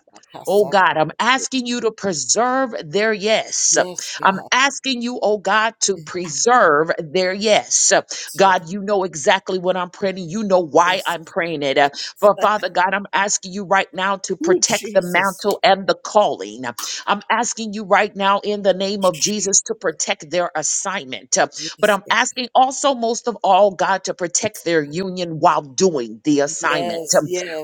Speaker 4: Oh God, I'm asking you to preserve their yes. I'm asking you, oh God, to preserve their yes. God, you know exactly what I'm praying. You know why I'm praying it. Uh, For Father God, I'm asking you right now to protect the mantle and the calling. I'm asking you right now in the name of Jesus to protect their assignment. Uh, But I'm asking also most of all, God, to protect their union while doing the assignment.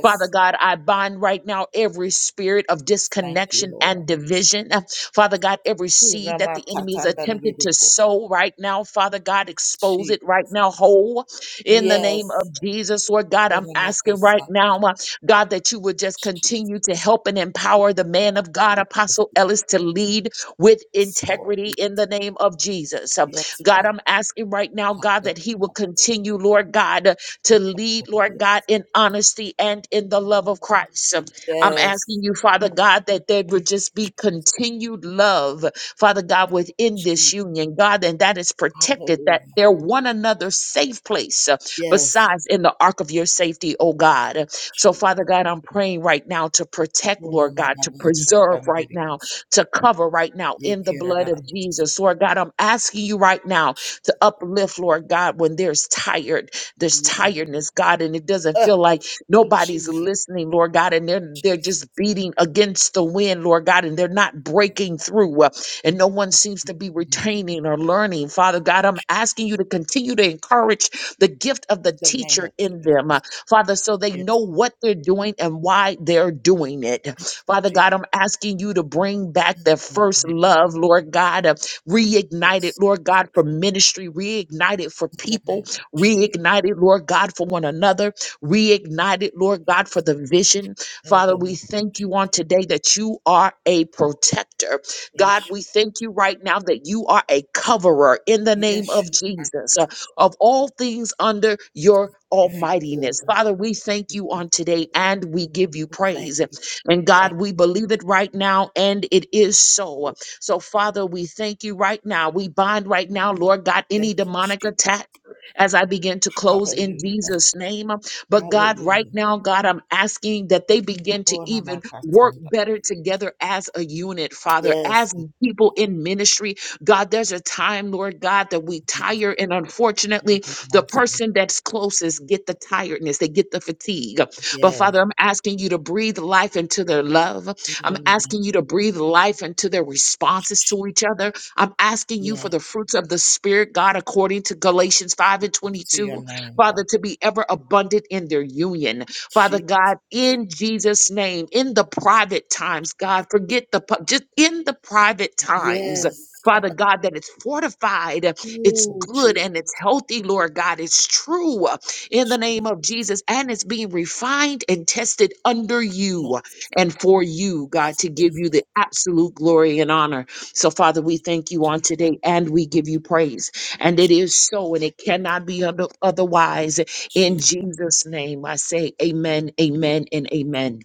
Speaker 4: Father God, I bind right now every spirit of disconnection and division. Uh, Father God, every seed that the enemy is attempted to sow right now, Father God, expose it right now whole in the name of Jesus. Lord God, I'm asking right now, uh, God, that you would just continue to help and empower the man of God, Apostle Ellis, to lead with integrity in the name of Jesus. Uh, God, I'm asking right now, God, that he will continue, Lord God, to lead, Lord God, in honesty and in the love of Christ. I'm asking you, Father God, that there would just be continued love, Father God, within this union, God, and that is protected, that they're one another's safe place uh, besides in the ark of your safety, oh God. So, Father God, I'm praying right now to protect, Lord God, to preserve right now, to cover right now in the blood of Jesus. Lord God, I'm asking you right now to uplift, Lord God, when there's tired. There's tiredness, God, and it doesn't feel like nobody's listening, Lord God, and they're they're just beating against the wind, Lord God, and they're not breaking through, uh, and no one seems to be retaining or learning. Father God, I'm asking you to continue to encourage the gift of the teacher in them, uh, Father, so they know what they're doing and why they're doing it. Father God, I'm asking you to bring back their first love, Lord God, uh, reignite it, Lord God, for ministry, reignite it for people, Reignited, Lord God, for one another. Reignited, Lord God, for the vision. Father, we thank you on today that you are a protector. God, we thank you right now that you are a coverer in the name of Jesus uh, of all things under your almightiness. Father, we thank you on today and we give you praise. And God, we believe it right now and it is so. So, Father, we thank you right now. We bind right now, Lord God, any demonic attack as I begin to close in Jesus' name. But God, right now, God, I'm asking that they begin to even work better together as a unit, Father, as people in ministry. God, there's a time, Lord God, that we tire, and unfortunately, the person that's closest get the tiredness, they get the fatigue. But Father, I'm asking you to breathe life into their love. I'm asking you to breathe life into their responses to each other. I'm asking you for the fruits of the Spirit, God, according to Galatians 5 and 22, Father, to be ever abundant in their union. Father God, in Jesus' name, in the private times, God, forget the, pu- just in the private times. Father God, that it's fortified, it's good, and it's healthy, Lord God. It's true uh, in the name of Jesus, and it's being refined and tested under you and for you, God, to give you the absolute glory and honor. So, Father, we thank you on today and we give you praise. And it is so, and it cannot be other- otherwise. In Jesus' name, I say amen, amen, and amen.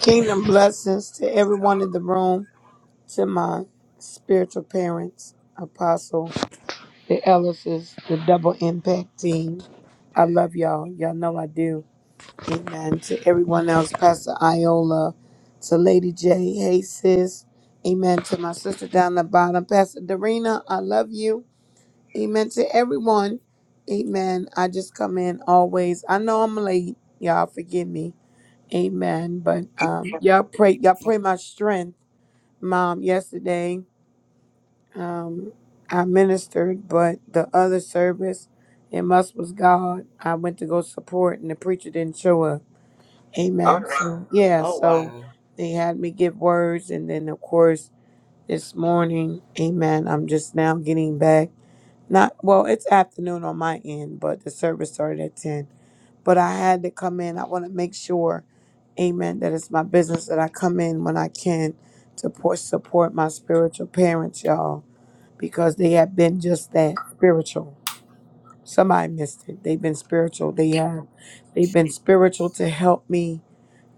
Speaker 6: Kingdom blessings to everyone in the room, to my spiritual parents, apostle, the Ellises, the double impact team. I love y'all. Y'all know I do. Amen. To everyone else, Pastor Iola, to Lady J. Hey, sis. Amen. To my sister down the bottom, Pastor Darina, I love you. Amen. To everyone. Amen. I just come in always. I know I'm late. Y'all forgive me. Amen. But um, y'all pray, y'all pray my strength, Mom. Yesterday, um, I ministered, but the other service, it must was God. I went to go support, and the preacher didn't show up. Amen. Alright. So yeah, so they had me give words, and then of course this morning, Amen. I'm just now getting back. Not well, it's afternoon on my end, but the service started at ten but I had to come in. I want to make sure, amen, that it's my business that I come in when I can to pour, support my spiritual parents, y'all, because they have been just that spiritual. Somebody missed it. They've been spiritual. They have. They've been spiritual to help me,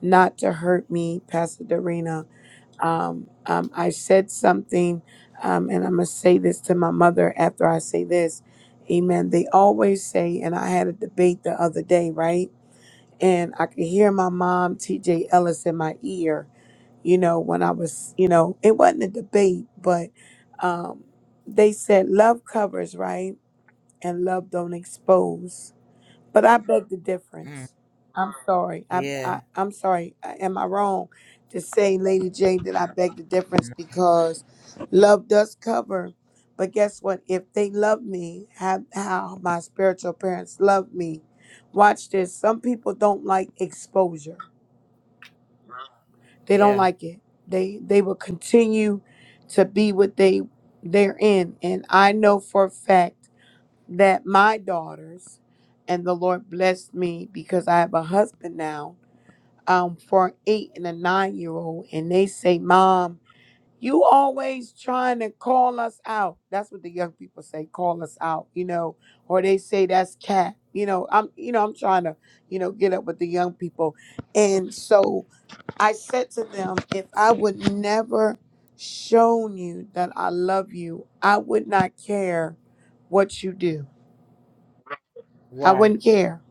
Speaker 6: not to hurt me, Pastor Darina, Um, um, I said something, um, and I'm going to say this to my mother after I say this. Amen. They always say, and I had a debate the other day, right? and I could hear my mom, TJ Ellis, in my ear, you know, when I was, you know, it wasn't a debate, but um, they said love covers, right? And love don't expose. But I beg the difference. I'm sorry. I, I I'm sorry. I- Am I wrong to say, Lady J, that I beg the difference because love does cover. But guess what? If they love me, have how my spiritual parents love me. Watch this. Some people don't like exposure. They don't like it. They they will continue to be what they they're in. And I know for a fact that my daughters and the Lord blessed me because I have a husband now um, for an eight and a nine year old. And they say, Mom, you always trying to call us out. That's what the young people say, call us out, you know, or they say that's cat. You know, I'm you know, I'm trying to, you know, get up with the young people. And so I said to them, if I would never shown you that I love you, I would not care what you do I wouldn't care.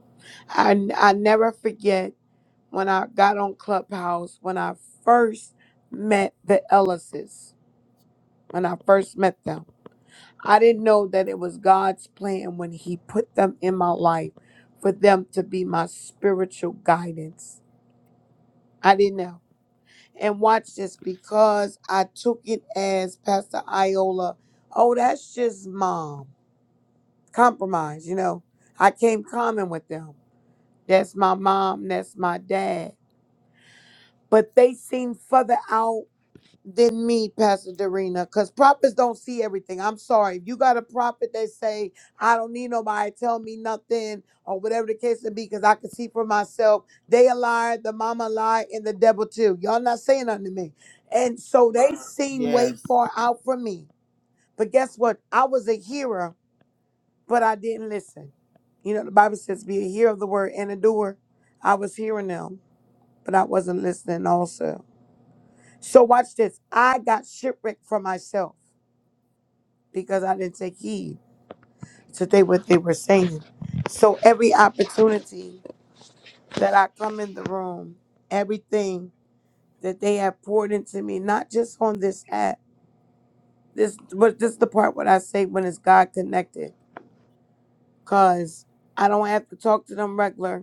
Speaker 6: I I never forget when I got on Clubhouse when I first met the Ellises. When I first met them, I didn't know that it was God's plan when He put them in my life for them to be my spiritual guidance. I didn't know. And watch this because I took it as Pastor Iola. Oh, that's just mom. Compromise, you know. I came common with them. That's my mom. That's my dad. but they seem further out than me, Pastor Darina, because prophets don't see everything. I'm sorry. If you got a prophet that say, I don't need nobody, tell me nothing, or whatever the case may be, because I can see for myself, they a liar, the mama lie, and the devil too. Y'all not saying nothing to me. And so they seem way far out from me. But guess what? I was a hearer, but I didn't listen. You know, the Bible says, be a hearer of the word and a doer. I was hearing them, but I wasn't listening also. So watch this. I got shipwrecked for myself because I didn't take heed to they what they were saying. So every opportunity that I come in the room, everything that they have poured into me, not just on this app, this but this is the part what I say when it's God connected. Cause I don't have to talk to them regular.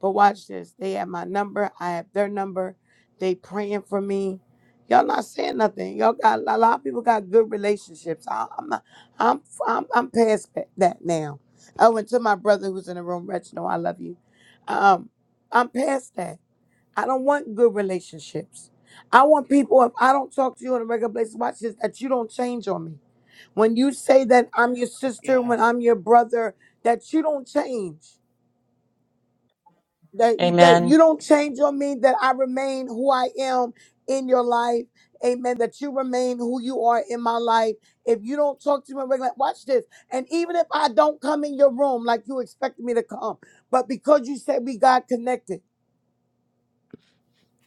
Speaker 6: But watch this. They have my number. I have their number. They praying for me. Y'all not saying nothing. Y'all got a lot of people got good relationships. I, I'm not, I'm I'm I'm past that that now. I went to my brother who's in the room. Reginald, I love you. Um, I'm past that. I don't want good relationships. I want people. If I don't talk to you on a regular basis, watch this. That you don't change on me. When you say that I'm your sister, when I'm your brother, that you don't change that
Speaker 4: And
Speaker 6: that you don't change on me that i remain who i am in your life amen that you remain who you are in my life if you don't talk to me regularly, watch this and even if i don't come in your room like you expected me to come but because you said we got connected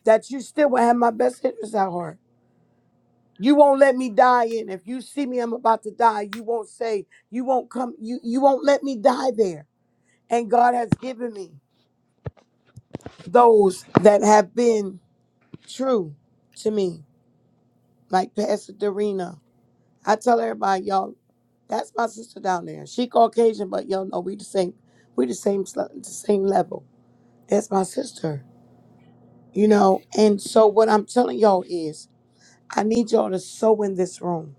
Speaker 6: that you still will have my best interest at heart you won't let me die in if you see me i'm about to die you won't say you won't come you you won't let me die there and god has given me those that have been true to me like Pastor Dorina. I tell everybody, y'all, that's my sister down there. She Caucasian, but y'all know we the same. We the same, sl- the same level. That's my sister, you know. And so what I'm telling y'all is, I need y'all to sow in this room.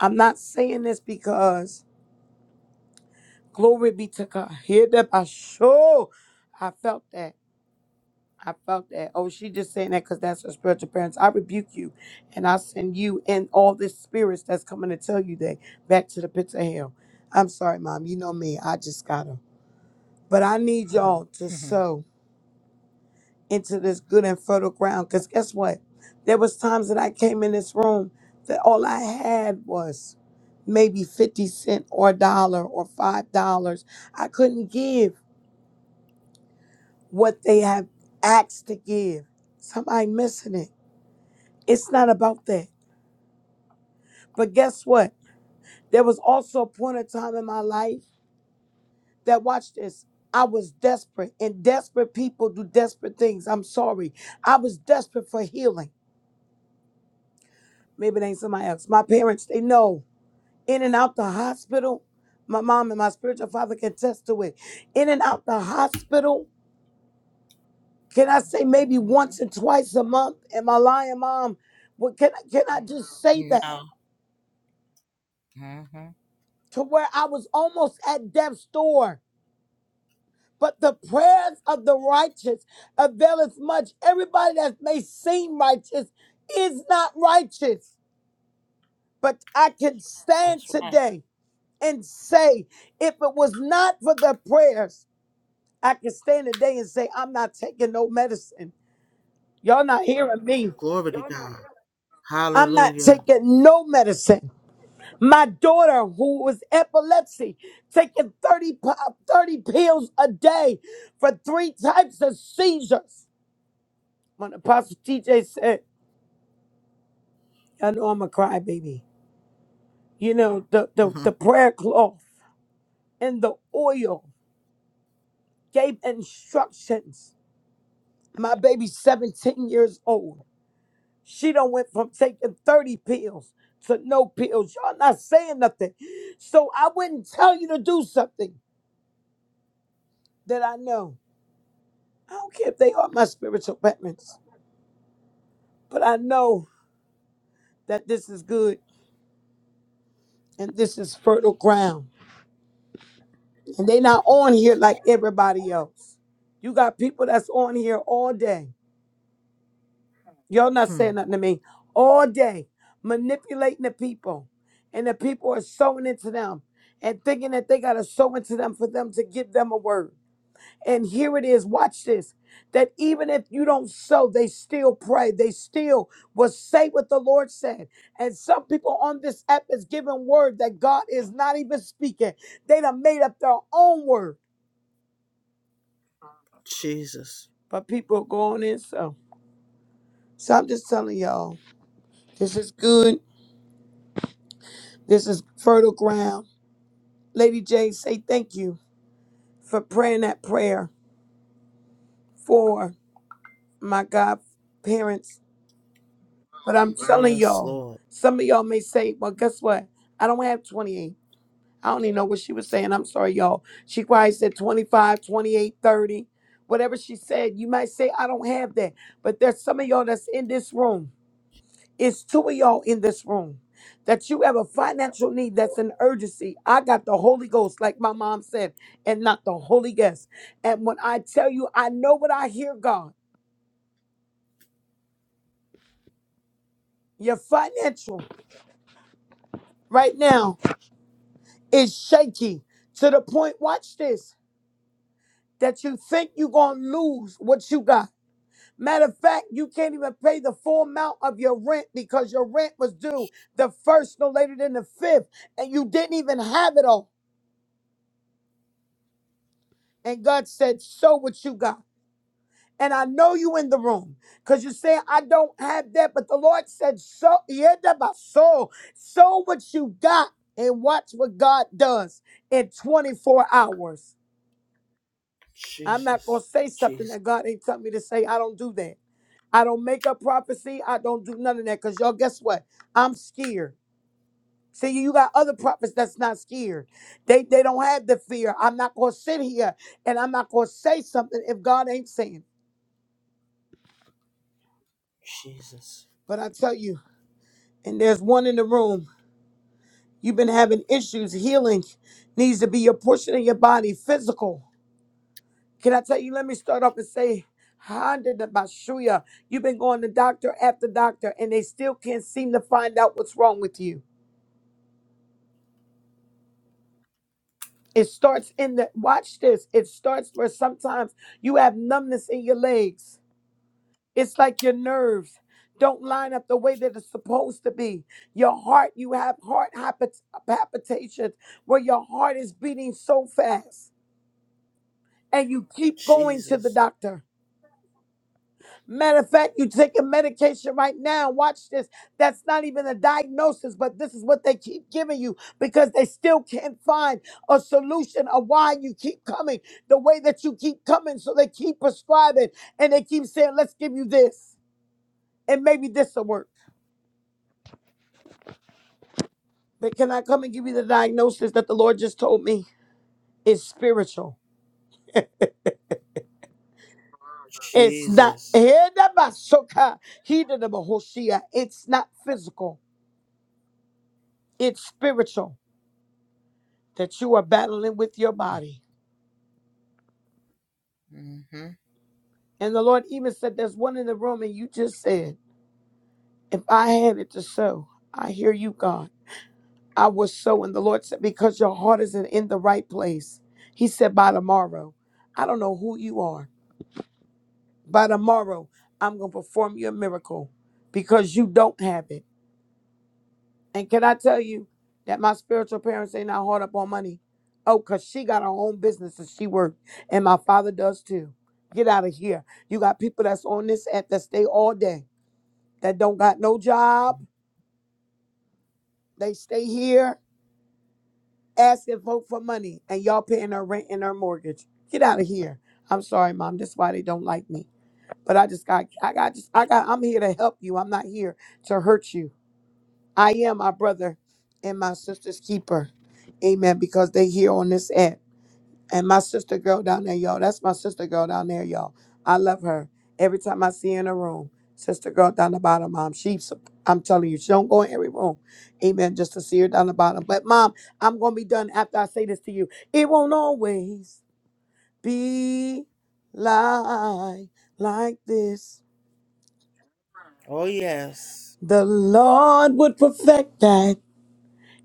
Speaker 6: I'm not saying this because glory be to God. Hear that? I show. I felt that. I felt that. Oh, she just saying that because that's her spiritual parents. I rebuke you and I send you and all this spirits that's coming to tell you that back to the pits of hell. I'm sorry, mom. You know me. I just got her. But I need y'all to sow into this good and fertile ground. Cause guess what? There was times that I came in this room that all I had was maybe 50 cent or a dollar or five dollars. I couldn't give what they have asked to give. Somebody missing it. It's not about that. But guess what? There was also a point of time in my life that, watch this, I was desperate, and desperate people do desperate things. I'm sorry. I was desperate for healing. Maybe it ain't somebody else. My parents, they know. In and out the hospital, my mom and my spiritual father can attest to it. In and out the hospital, can I say maybe once and twice a month? Am I lying, mom? What can, I- can I just say that? To where I was almost at death's door But the prayers of the righteous availeth much. Everybody that may seem righteous is not righteous. But I can stand today and say, if it was not for the prayers, I can stand today and say, I'm not taking no medicine. Y'all not hearing me. I'm not taking no medicine. My daughter, who was epilepsy, taking 30, pi- 30 pills a day for three types of seizures. When Apostle TJ said, I know I'm a crybaby. You know, the, the, the prayer cloth and the oil gave instructions. My baby's 17 years old. She done went from taking 30 pills to no pills. Y'all not saying nothing. So I wouldn't tell you to do something that I know. I don't care if they are my spiritual parents, but I know that this is good and this is fertile ground And they not on here like everybody else. You got people that's on here all day. Y'all not saying nothing to me. All day. Manipulating the people. And the people are sowing into them. And thinking that they gotta sow into them for them to give them a word. And here it is. Watch this. That even if you don't sow, they still pray. They still will say what the Lord said. And some people on this app is giving word that God is not even speaking. They done made up their own word but people are going in so. So I'm just telling y'all, this is good. This is fertile ground. Lady J, say thank you for praying that prayer for my God parents. But I'm telling y'all, some of y'all may say, well, guess what? I don't have 28. I don't even know what she was saying. I'm sorry, y'all. She probably said 25, 28, 30. Whatever she said, you might say, I don't have that. But there's some of y'all that's in this room. It's two of y'all in this room that you have a financial need that's an urgency. I got the Holy Ghost, like my mom said, and not the Holy Ghost. And when I tell you, I know what I hear, God, your financial right now is shaky to the point, watch this, that you think you're going to lose what you got. Matter of fact, you can't even pay the full amount of your rent because your rent was due the first no later than the fifth, and you didn't even have it all. And God said, Show what you got. And I know you in the room because you're saying, I don't have that. But the Lord said, So, yeah, that my soul, sow what you got and watch what God does in 24 hours. I'm not going to say something that God ain't telling me to say. I don't do that. I don't make up prophecy. I don't do none of that because y'all, guess what? I'm scared. See, you got other prophets that's not scared. They they don't have the fear. I'm not gonna sit here and I'm not gonna say something if God ain't saying. it. But I tell you, and there's one in the room. You've been having issues. Healing needs to be your portion of your body, physical. Can I tell you? Let me start off and say, Honda de Bashuya, you've been going to doctor after doctor, and they still can't seem to find out what's wrong with you. It starts in the watch this. It starts where sometimes you have numbness in your legs. It's like your nerves don't line up the way that it's supposed to be. Your heart, you have heart hypot- palpitations where your heart is beating so fast. and you keep going to the doctor. Matter of fact, you taking medication right now. Watch this. That's not even a diagnosis, but this is what they keep giving you because they still can't find a solution of why you keep coming the way that you keep coming. So they keep prescribing and they keep saying, let's give you this and maybe this will work. But can I come and give you the diagnosis that the Lord just told me? It's spiritual. It's not. It's not physical. It's spiritual that you are battling with your body. And the Lord even said, There's one in the room, and you just said, If I had it to sow, I hear you, God. I was sow. And the Lord said, Because your heart isn't in the right place. He said, By tomorrow, I don't know who you are. By tomorrow, I'm going to perform your miracle because you don't have it. And can I tell you that my spiritual parents ain't not hard up on money? Oh, because she got her own business and she worked, and my father does too. Get out of here. You got people that's on this app that stay all day, that don't got no job. They stay here asking folk for money, and y'all paying their rent and their mortgage. Get out of here. I'm sorry, mom. That's why they don't like me. But I just got, I got, just, I got, I'm here to help you. I'm not here to hurt you. I am my brother and my sister's keeper. Amen. Because they here on this app. And my sister girl down there, y'all. That's my sister girl down there, y'all. I love her. Every time I see her in a room, sister girl down the bottom, mom. She, I'm telling you, she don't go in every room. Amen. Just to see her down the bottom. But mom, I'm gonna be done after I say this to you. It won't always be like like this. The Lord would perfect that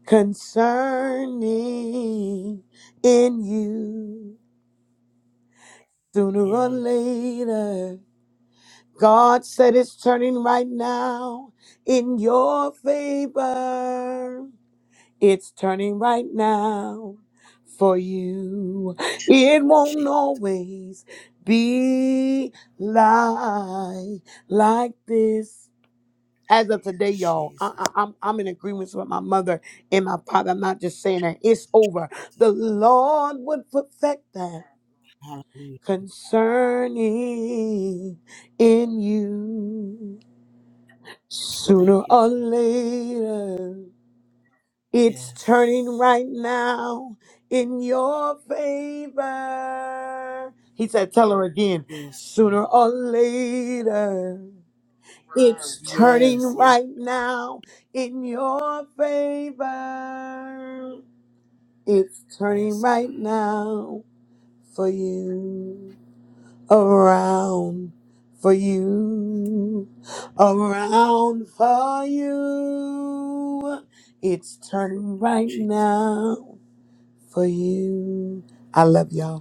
Speaker 6: concerning in you. Sooner or later, God said it's turning right now in your favor. It's turning right now for you. It won't always be like like this. as of today, y'all, I, I, am I'm I'm in agreements with my mother and my father. I'm not just saying that it's over. The Lord would perfect that concerning in you sooner or later. It's turning right now in your favor. He said, Tell her again, sooner or later. It's turning right now in your favor. It's turning right now for you. Around for you. Around for you. It's turning right now for you. I love y'all.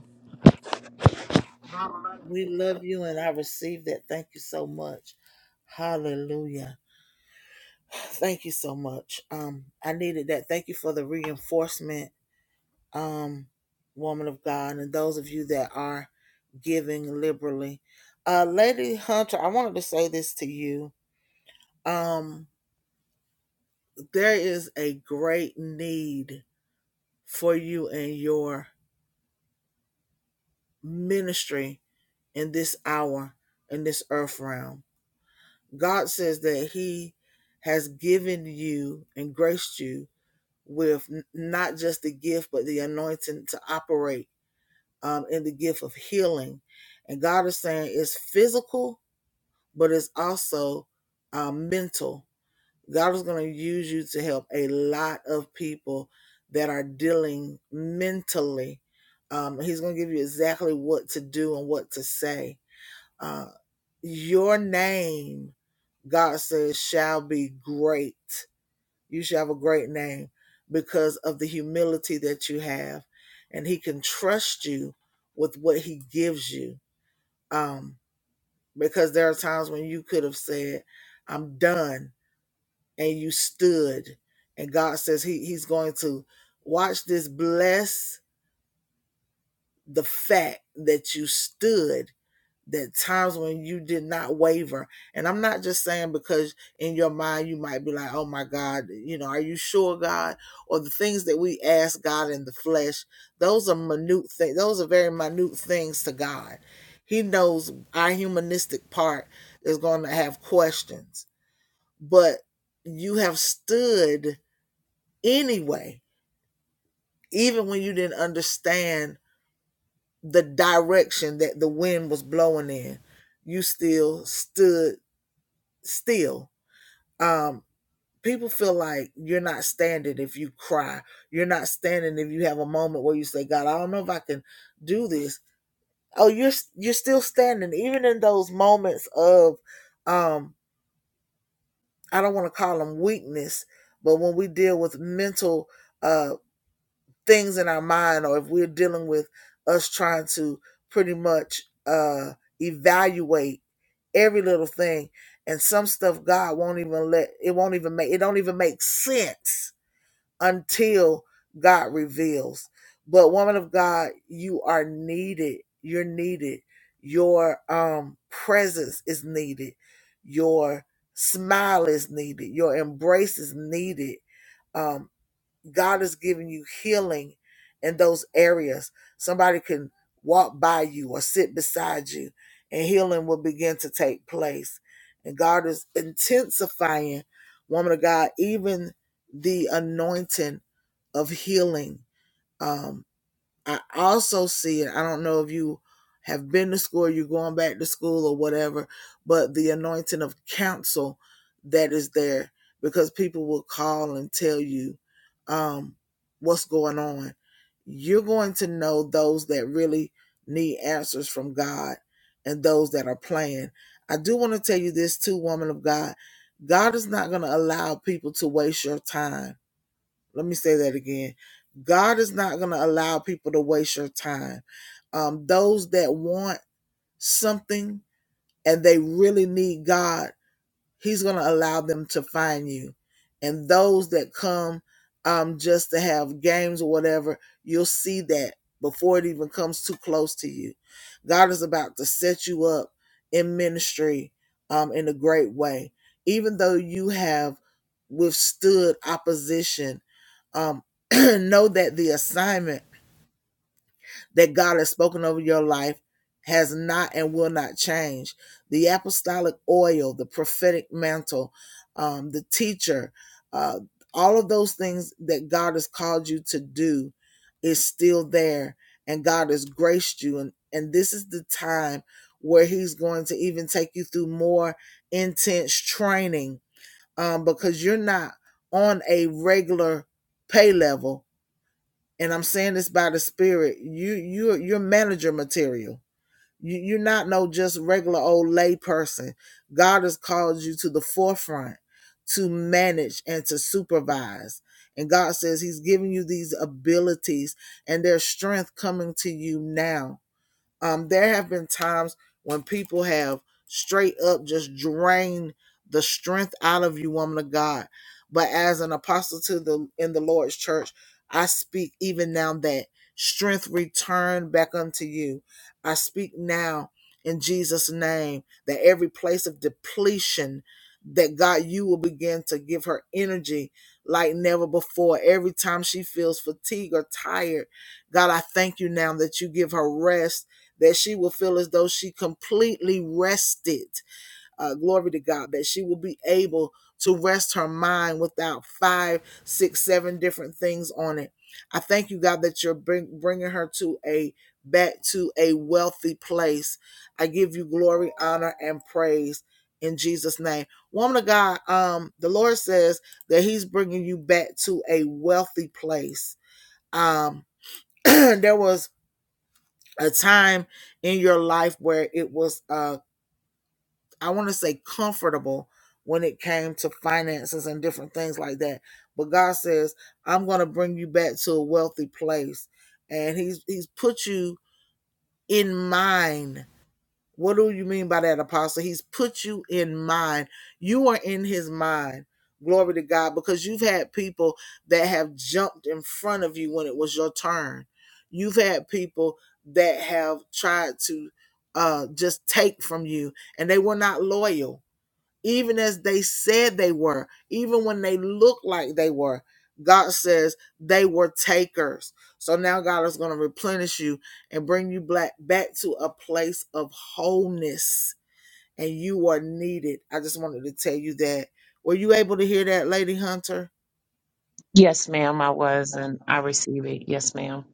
Speaker 4: yes, ma'am, I was, and I receive it. Yes, ma'am.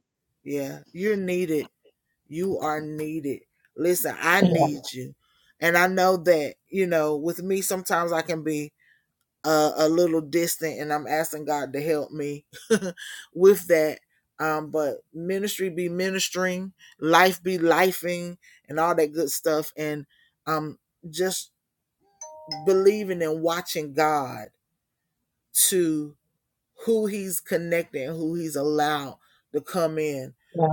Speaker 4: Yeah, yeah,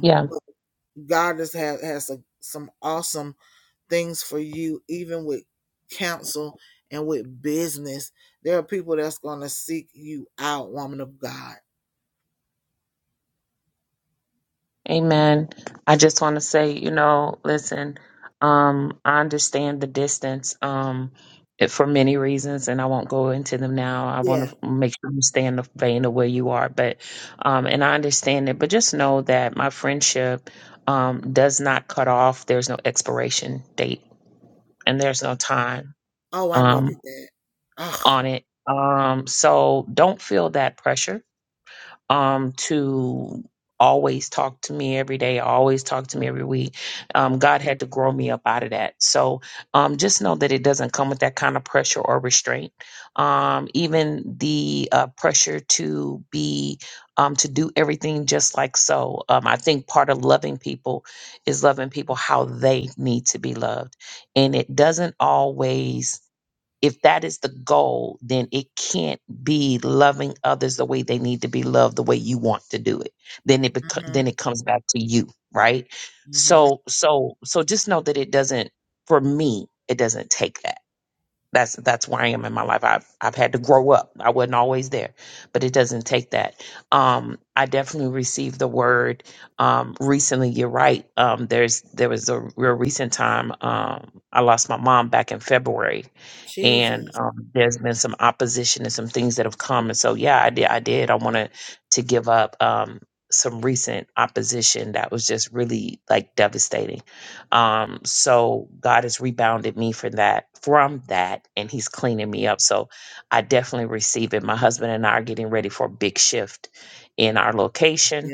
Speaker 4: yeah. Amen. I just want to say, you know, listen, um, I understand the distance um, it- for many reasons, and I won't go into them now. I want to make sure you stay in the vein of where you are, but, um, and I understand it, but just know that my friendship um, does not cut off. There's no expiration date and there's no time um, on it. Um, so don't feel that pressure um, to always talk to me every day, always talk to me every week. Um, God had to grow me up out of that. So um, just know that it doesn't come with that kind of pressure or restraint. Um, even the uh, pressure to be, um, to do everything just like so. Um, I think part of loving people is loving people how they need to be loved. And it doesn't always if that is the goal, then it can't be loving others the way they need to be loved, the way you want to do it. Then it beco- then it comes back to you, right? So so so just know that it doesn't. For me, it doesn't take that. That's that's where I am in my life. I've I've had to grow up. I wasn't always there, but it doesn't take that. Um, I definitely received the word um, recently. You're right. Um, there's there was a real recent time. Um, I lost my mom back in February, and um, there's been some opposition and some things that have come. And so yeah, I did. I did. I wanted to give up um, some recent opposition that was just really like devastating um, so God has rebounded me for that from that, and He's cleaning me up. So I definitely receive it. My husband and I are getting ready for a big shift in our location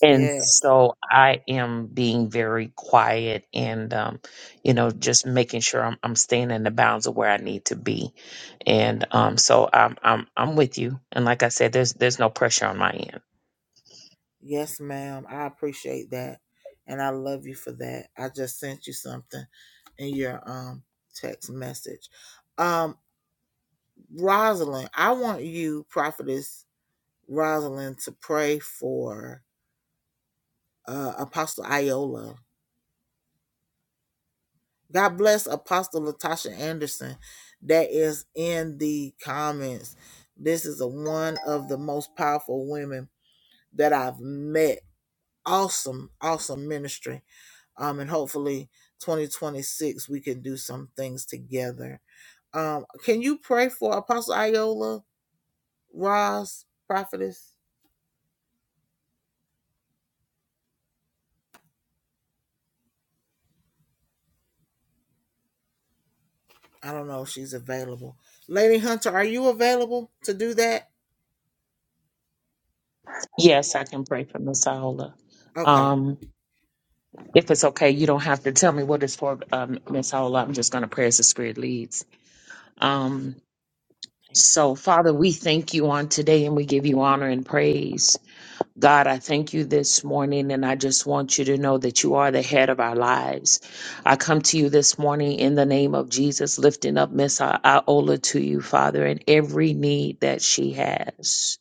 Speaker 4: and so I am being very quiet and, um, you know, just making sure I'm, I'm staying in the bounds of where I need to be. And, um, so I'm, I'm, I'm with you. And like I said, there's, there's no pressure on my end. Yes, I can pray for Miss Aola. Um, if it's okay, you don't have to tell me what it's for, um, Miss Aola. I'm just going to pray as the Spirit leads. Um, So, Father, we thank you on today and we give you honor and praise. God, I thank you this morning and I just want you to know that you are the head of our lives. I come to you this morning in the name of Jesus, lifting up Miss Iola to you, Father, and every need that she has.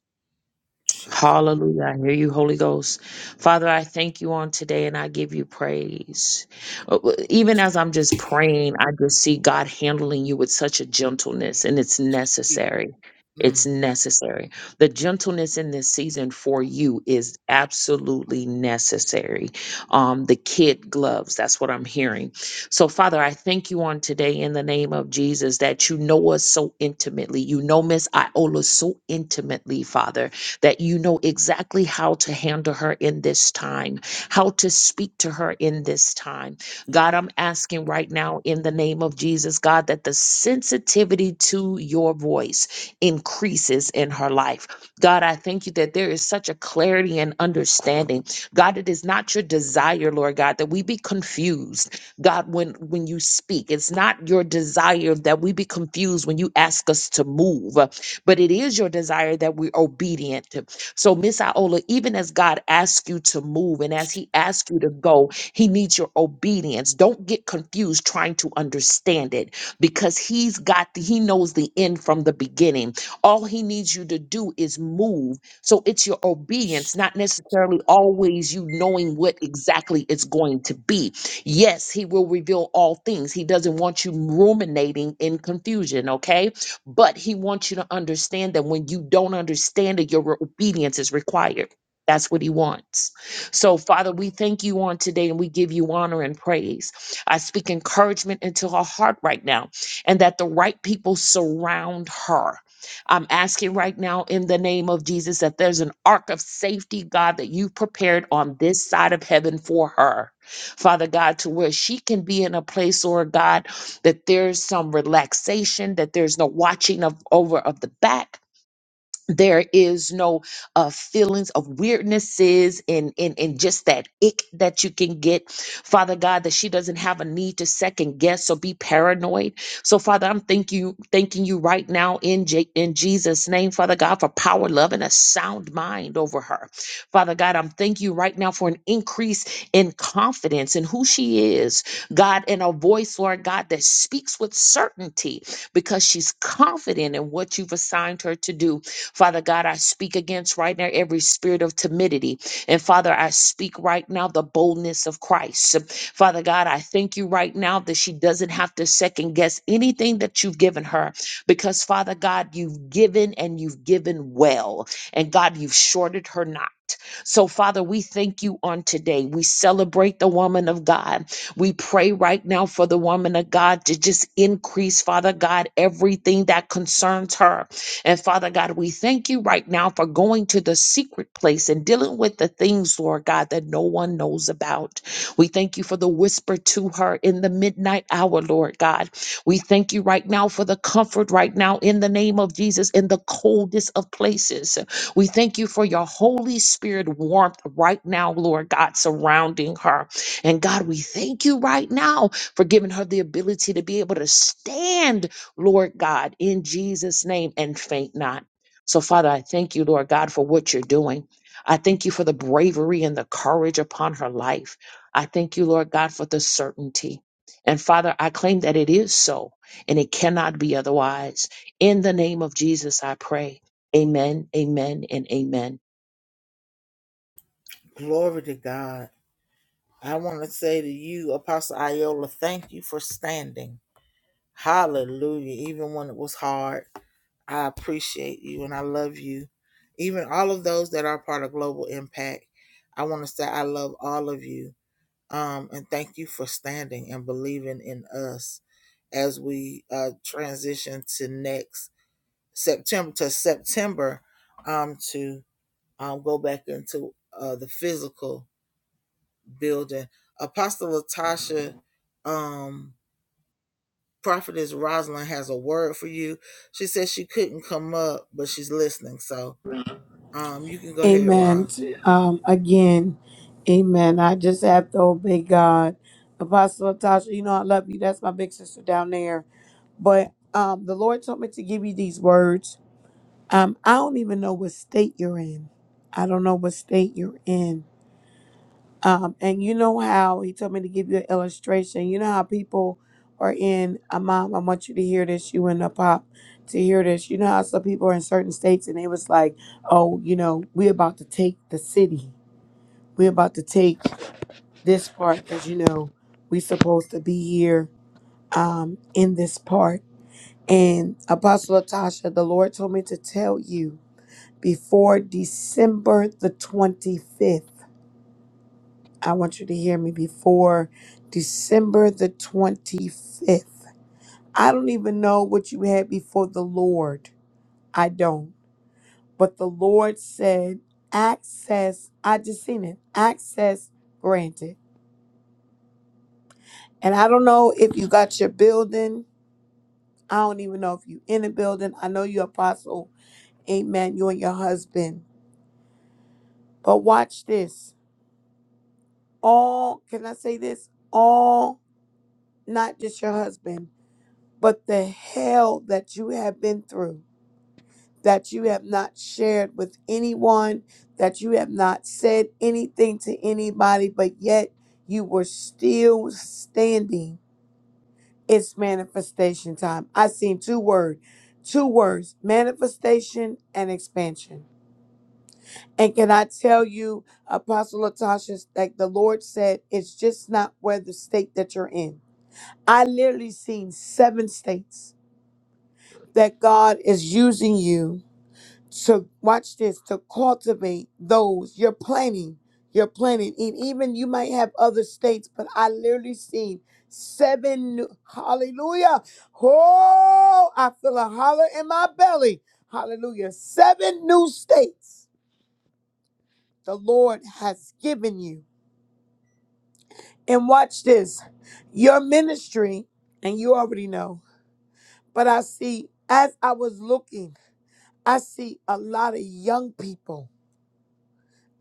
Speaker 4: Hallelujah. I hear you, Holy Ghost. Father, I thank you on today and I give you praise. Uh, Even as I'm just praying, I just see God handling you with such a gentleness, and it's necessary. It's necessary. The gentleness in this season for you is absolutely necessary. Um, the kid gloves, that's what I'm hearing. So, Father, I thank you on today in the name of Jesus that you know us so intimately. You know Miss Iola so intimately, Father that you know exactly how to handle her in this time, how to speak to her in this time. God, I'm asking right now in the name of Jesus, God, that the sensitivity to your voice increases in her life. God, I thank you that there is such a clarity and understanding. God, it is not your desire, Lord God, that we be confused. God, when when you speak, it's not your desire that we be confused when you ask us to move but it is your desire that we're obedient. to. So, Miss Iola, even as God asks you to move and as He asks you to go, He needs your obedience. Don't get confused trying to understand it because He's got the, He knows the end from the beginning. All He needs you to do is move. So it's your obedience, not necessarily always you knowing what exactly it's going to be. Yes, He will reveal all things. He doesn't want you ruminating in confusion. Okay. But he wants you to understand that when you don't understand it, your obedience is required. That's what he wants. So, Father, we thank you on today and we give you honor and praise. I speak encouragement into her heart right now and that the right people surround her. I'm asking right now in the name of Jesus that there's an ark of safety, God, that you've prepared on this side of heaven for her. Father God, to where she can be in a place, Lord God, that there's some relaxation, that there's no watching of over of the back, there is no uh, feelings of weirdnesses and, and and just that ick that you can get father god that she doesn't have a need to second guess or be paranoid so father i'm thanking you thanking you right now in J- in jesus name father god for power love and a sound mind over her father god i'm thanking you right now for an increase in confidence in who she is god and a voice lord god that speaks with certainty because she's confident in what you've assigned her to do. Father God, I speak against right now every spirit of timidity. And Father, I speak right now the boldness of Christ. Father God, I thank you right now that she doesn't have to second guess anything that you've given her because, Father God, you've given and you've given well. And God, you've shorted her not. So, Father, we thank you on today. We celebrate the woman of God. We pray right now for the woman of God to just increase, Father God, everything that concerns her. And Father God, we thank you right now for going to the secret place and dealing with the things, Lord God, that no one knows about. We thank you for the whisper to her in the midnight hour, Lord God. We thank you right now for the comfort right now in the name of Jesus in the coldest of places. We thank you for your Holy Spirit warmth right now, Lord God, surrounding her. And God, we thank you right now for giving her the ability to be able to stand, Lord God, in Jesus' name and faint not. So, Father, I thank you, Lord God, for what you're doing. I thank you for the bravery and the courage upon her life. I thank you, Lord God, for the certainty. And Father, I claim that it is so and it cannot be otherwise. In the name of Jesus, I pray. Amen, amen, and amen.
Speaker 6: Amen. Um, again, amen. I just have to obey God. Apostle Tasha, you know I love you. That's my big sister down there. But um, the Lord told me to give you these words. Um, I don't even know what state you're in. I don't know what state you're in. Um, and you know how he told me to give you an illustration. You know how people are in a mom. I want you to hear this. You and the pop to hear this. You know how some people are in certain states and they was like, oh, you know, we about to take the city we're about to take this part because you know we supposed to be here um, in this part. And Apostle Latasha, the Lord told me to tell you before December the 25th. I want you to hear me before December the 25th. I don't even know what you had before the Lord. I don't. But the Lord said, access, I just seen it, access granted And I don't know if you got your building. I don't even know if you in a building. I know you apostle. Amen. You and your husband. But watch this. All can I say this? All not just your husband, but the hell that you have been through, that you have not shared with anyone, that you have not said anything to anybody, but yet you were still standing It's manifestation time. I seen two word, two words, manifestation and expansion. And can I tell you, Apostle Latasha, like the Lord said, it's just not where the state that you're in. I literally seen seven states that God is using you to watch this to cultivate those you're planning you're planning and even you might have other states but i literally seen seven new- hallelujah oh i feel a holler in my belly hallelujah seven new states the lord has given you and watch this your ministry and you already know but i see as i was looking i see a lot of young people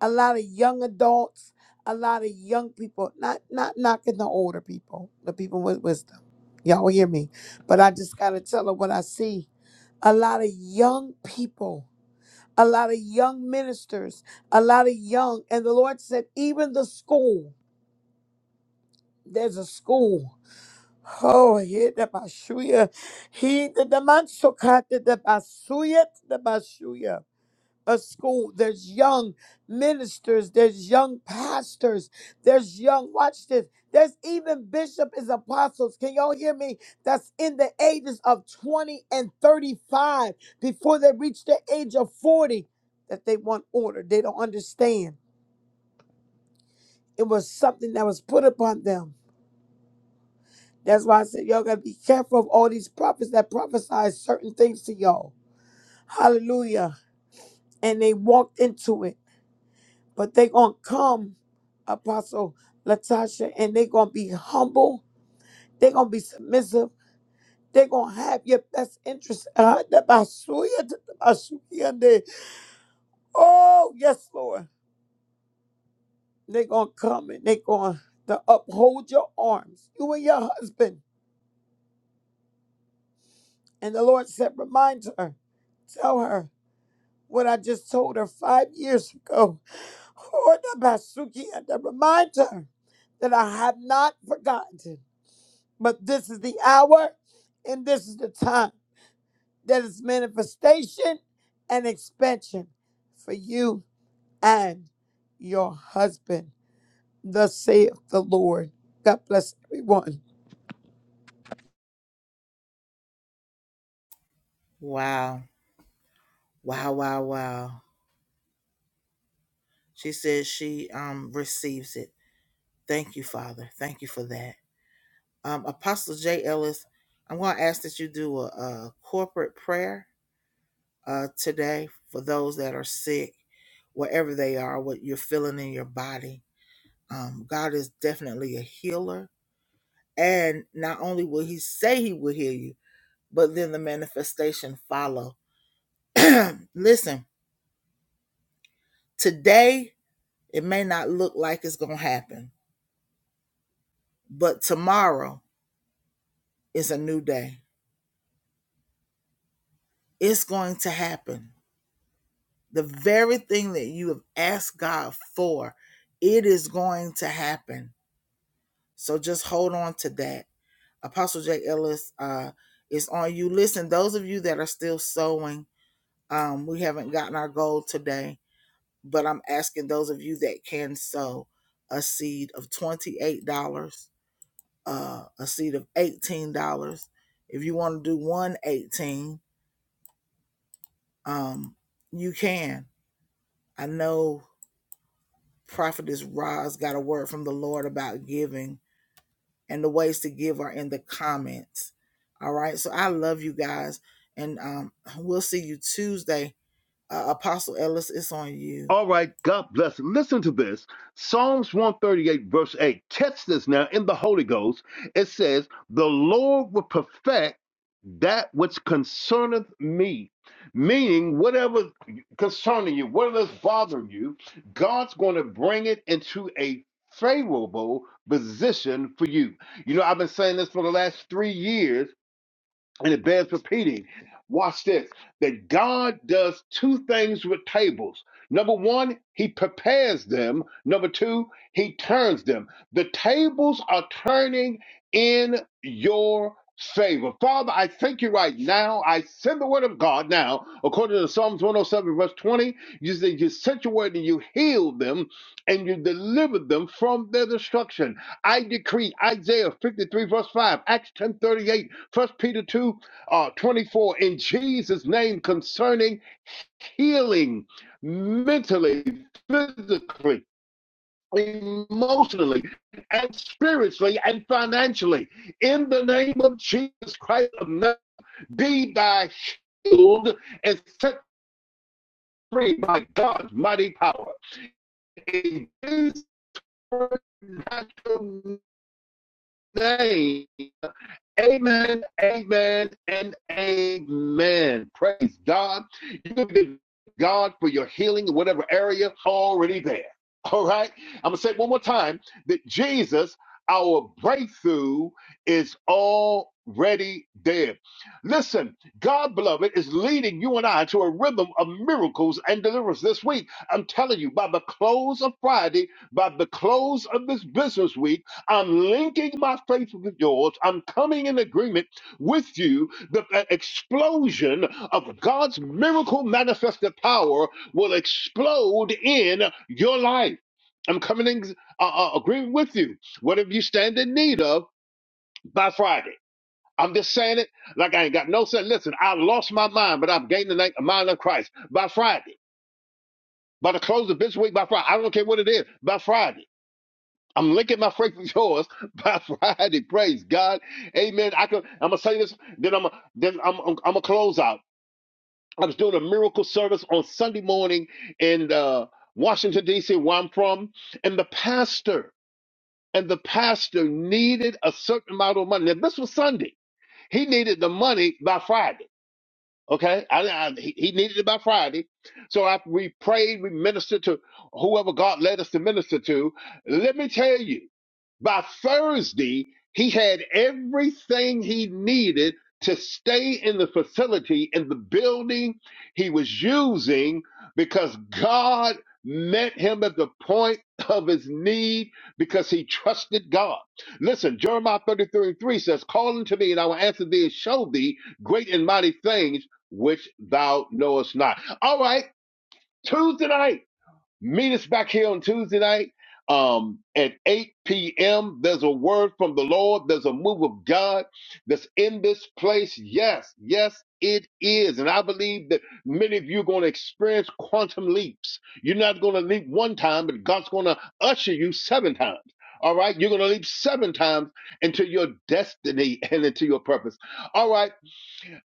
Speaker 6: a lot of young adults, a lot of young people, not not knocking the older people, the people with wisdom. Y'all hear me. But I just gotta tell her what I see. A lot of young people, a lot of young ministers, a lot of young, and the Lord said, even the school, there's a school. Oh, here the bashuya. He the the man so cut the the basuya the bashuya a school. There's young ministers. There's young pastors. There's young, watch this. There's even bishop is apostles. Can y'all hear me? That's in the ages of 20 and 35 before they reach the age of 40 that they want order. They don't understand. It was something that was put upon them. That's why I said, y'all gotta be careful of all these prophets that prophesy certain things to y'all. Hallelujah. And they walked into it. But they gonna come, Apostle Latasha, and they gonna be humble. they gonna be submissive. they gonna have your best interest. Ah, da ba su ya, da ba su ya de. Oh, yes, Lord. they gonna come and they gonna to uphold your arms, you and your husband. And the Lord said, Remind her, tell her what I just told her five years ago. Oh, da ba su ya, da Remind her that I have not forgotten. But this is the hour and this is the time that is manifestation and expansion for you and your husband. Thus saith the Lord. God bless everyone.
Speaker 5: All right, God bless. Listen to this. Psalms 138, verse 8. Catch this now in the Holy Ghost. It says, The Lord will perfect that which concerneth me. Meaning, whatever concerning you, whatever's bothering you, God's going to bring it into a favorable position for you. You know, I've been saying this for the last three years and it bears repeating. Watch this that God does two things with tables. Number one, he prepares them. Number two, he turns them. The tables are turning in your favor. Father, I thank you right now. I send the word of God now, according to Psalms 107, verse 20. You said you sent your word and you healed them and you delivered them from their destruction. I decree Isaiah 53, verse 5, Acts ten thirty eight. First Peter 2, uh, 24, in Jesus' name concerning healing mentally, physically, emotionally, and spiritually and financially. In the name of Jesus Christ of Nazareth, be thy healed and set free by God's mighty power. In Jesus' natural name Amen, amen, and amen. Praise God. You can give God for your healing in whatever area already there. All right. I'm going to say it one more time that Jesus, our breakthrough, is already there. Listen, God, beloved, is leading you and I to a rhythm of miracles and deliverance this week. I'm telling you, by the close of Friday, by the close of this business week, I'm linking my faith with yours. I'm coming in agreement with you. The uh, explosion of God's miracle manifested power will explode in your life. I'm coming in uh, uh, agreement with you. Whatever you stand in need of by Friday. I'm just saying it like I ain't got no sense. Listen, I lost my mind, but I've gained the na- mind of Christ by Friday. By the close of this week, by Friday. I don't care what it is, by Friday. I'm linking my faith with yours by Friday. Praise God. Amen. I could I'm gonna say this, then I'm gonna then I'm I'm, I'm gonna close out. I was doing a miracle service on Sunday morning in uh, Washington, DC, where I'm from, and the pastor and the pastor needed a certain amount of money. Now this was Sunday. He needed the money by Friday. Okay, I, I, he he needed it by Friday, so after we prayed, we ministered to whoever God led us to minister to. Let me tell you, by Thursday, he had everything he needed to stay in the facility, in the building he was using, because God met him at the point of his need because he trusted God. Listen, Jeremiah 33 and 3 says, Call unto me, and I will answer thee and show thee great and mighty things which thou knowest not. All right, Tuesday night. Meet us back here on Tuesday night um, at 8 p.m. There's a word from the Lord. There's a move of God that's in this place. Yes, yes, it is. And I believe that many of you are going to experience quantum leaps. You're not going to leap one time, but God's going to usher you seven times. All right, you're going to leap seven times into your destiny and into your purpose. All right,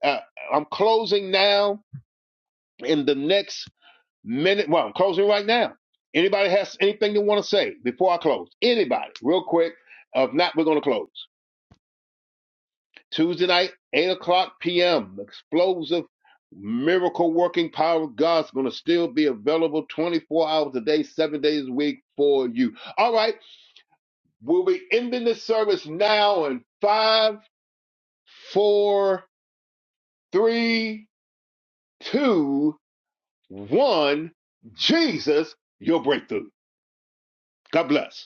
Speaker 5: uh, I'm closing now in the next minute. Well, I'm closing right now. Anybody has anything they want to say before I close? Anybody, real quick. If not, we're going to close. Tuesday night, 8 o'clock p.m. Explosive miracle working power of God's going to still be available 24 hours a day, seven days a week for you. All right. We'll be ending this service now in five, four, three, two, one. Jesus, your breakthrough. God bless.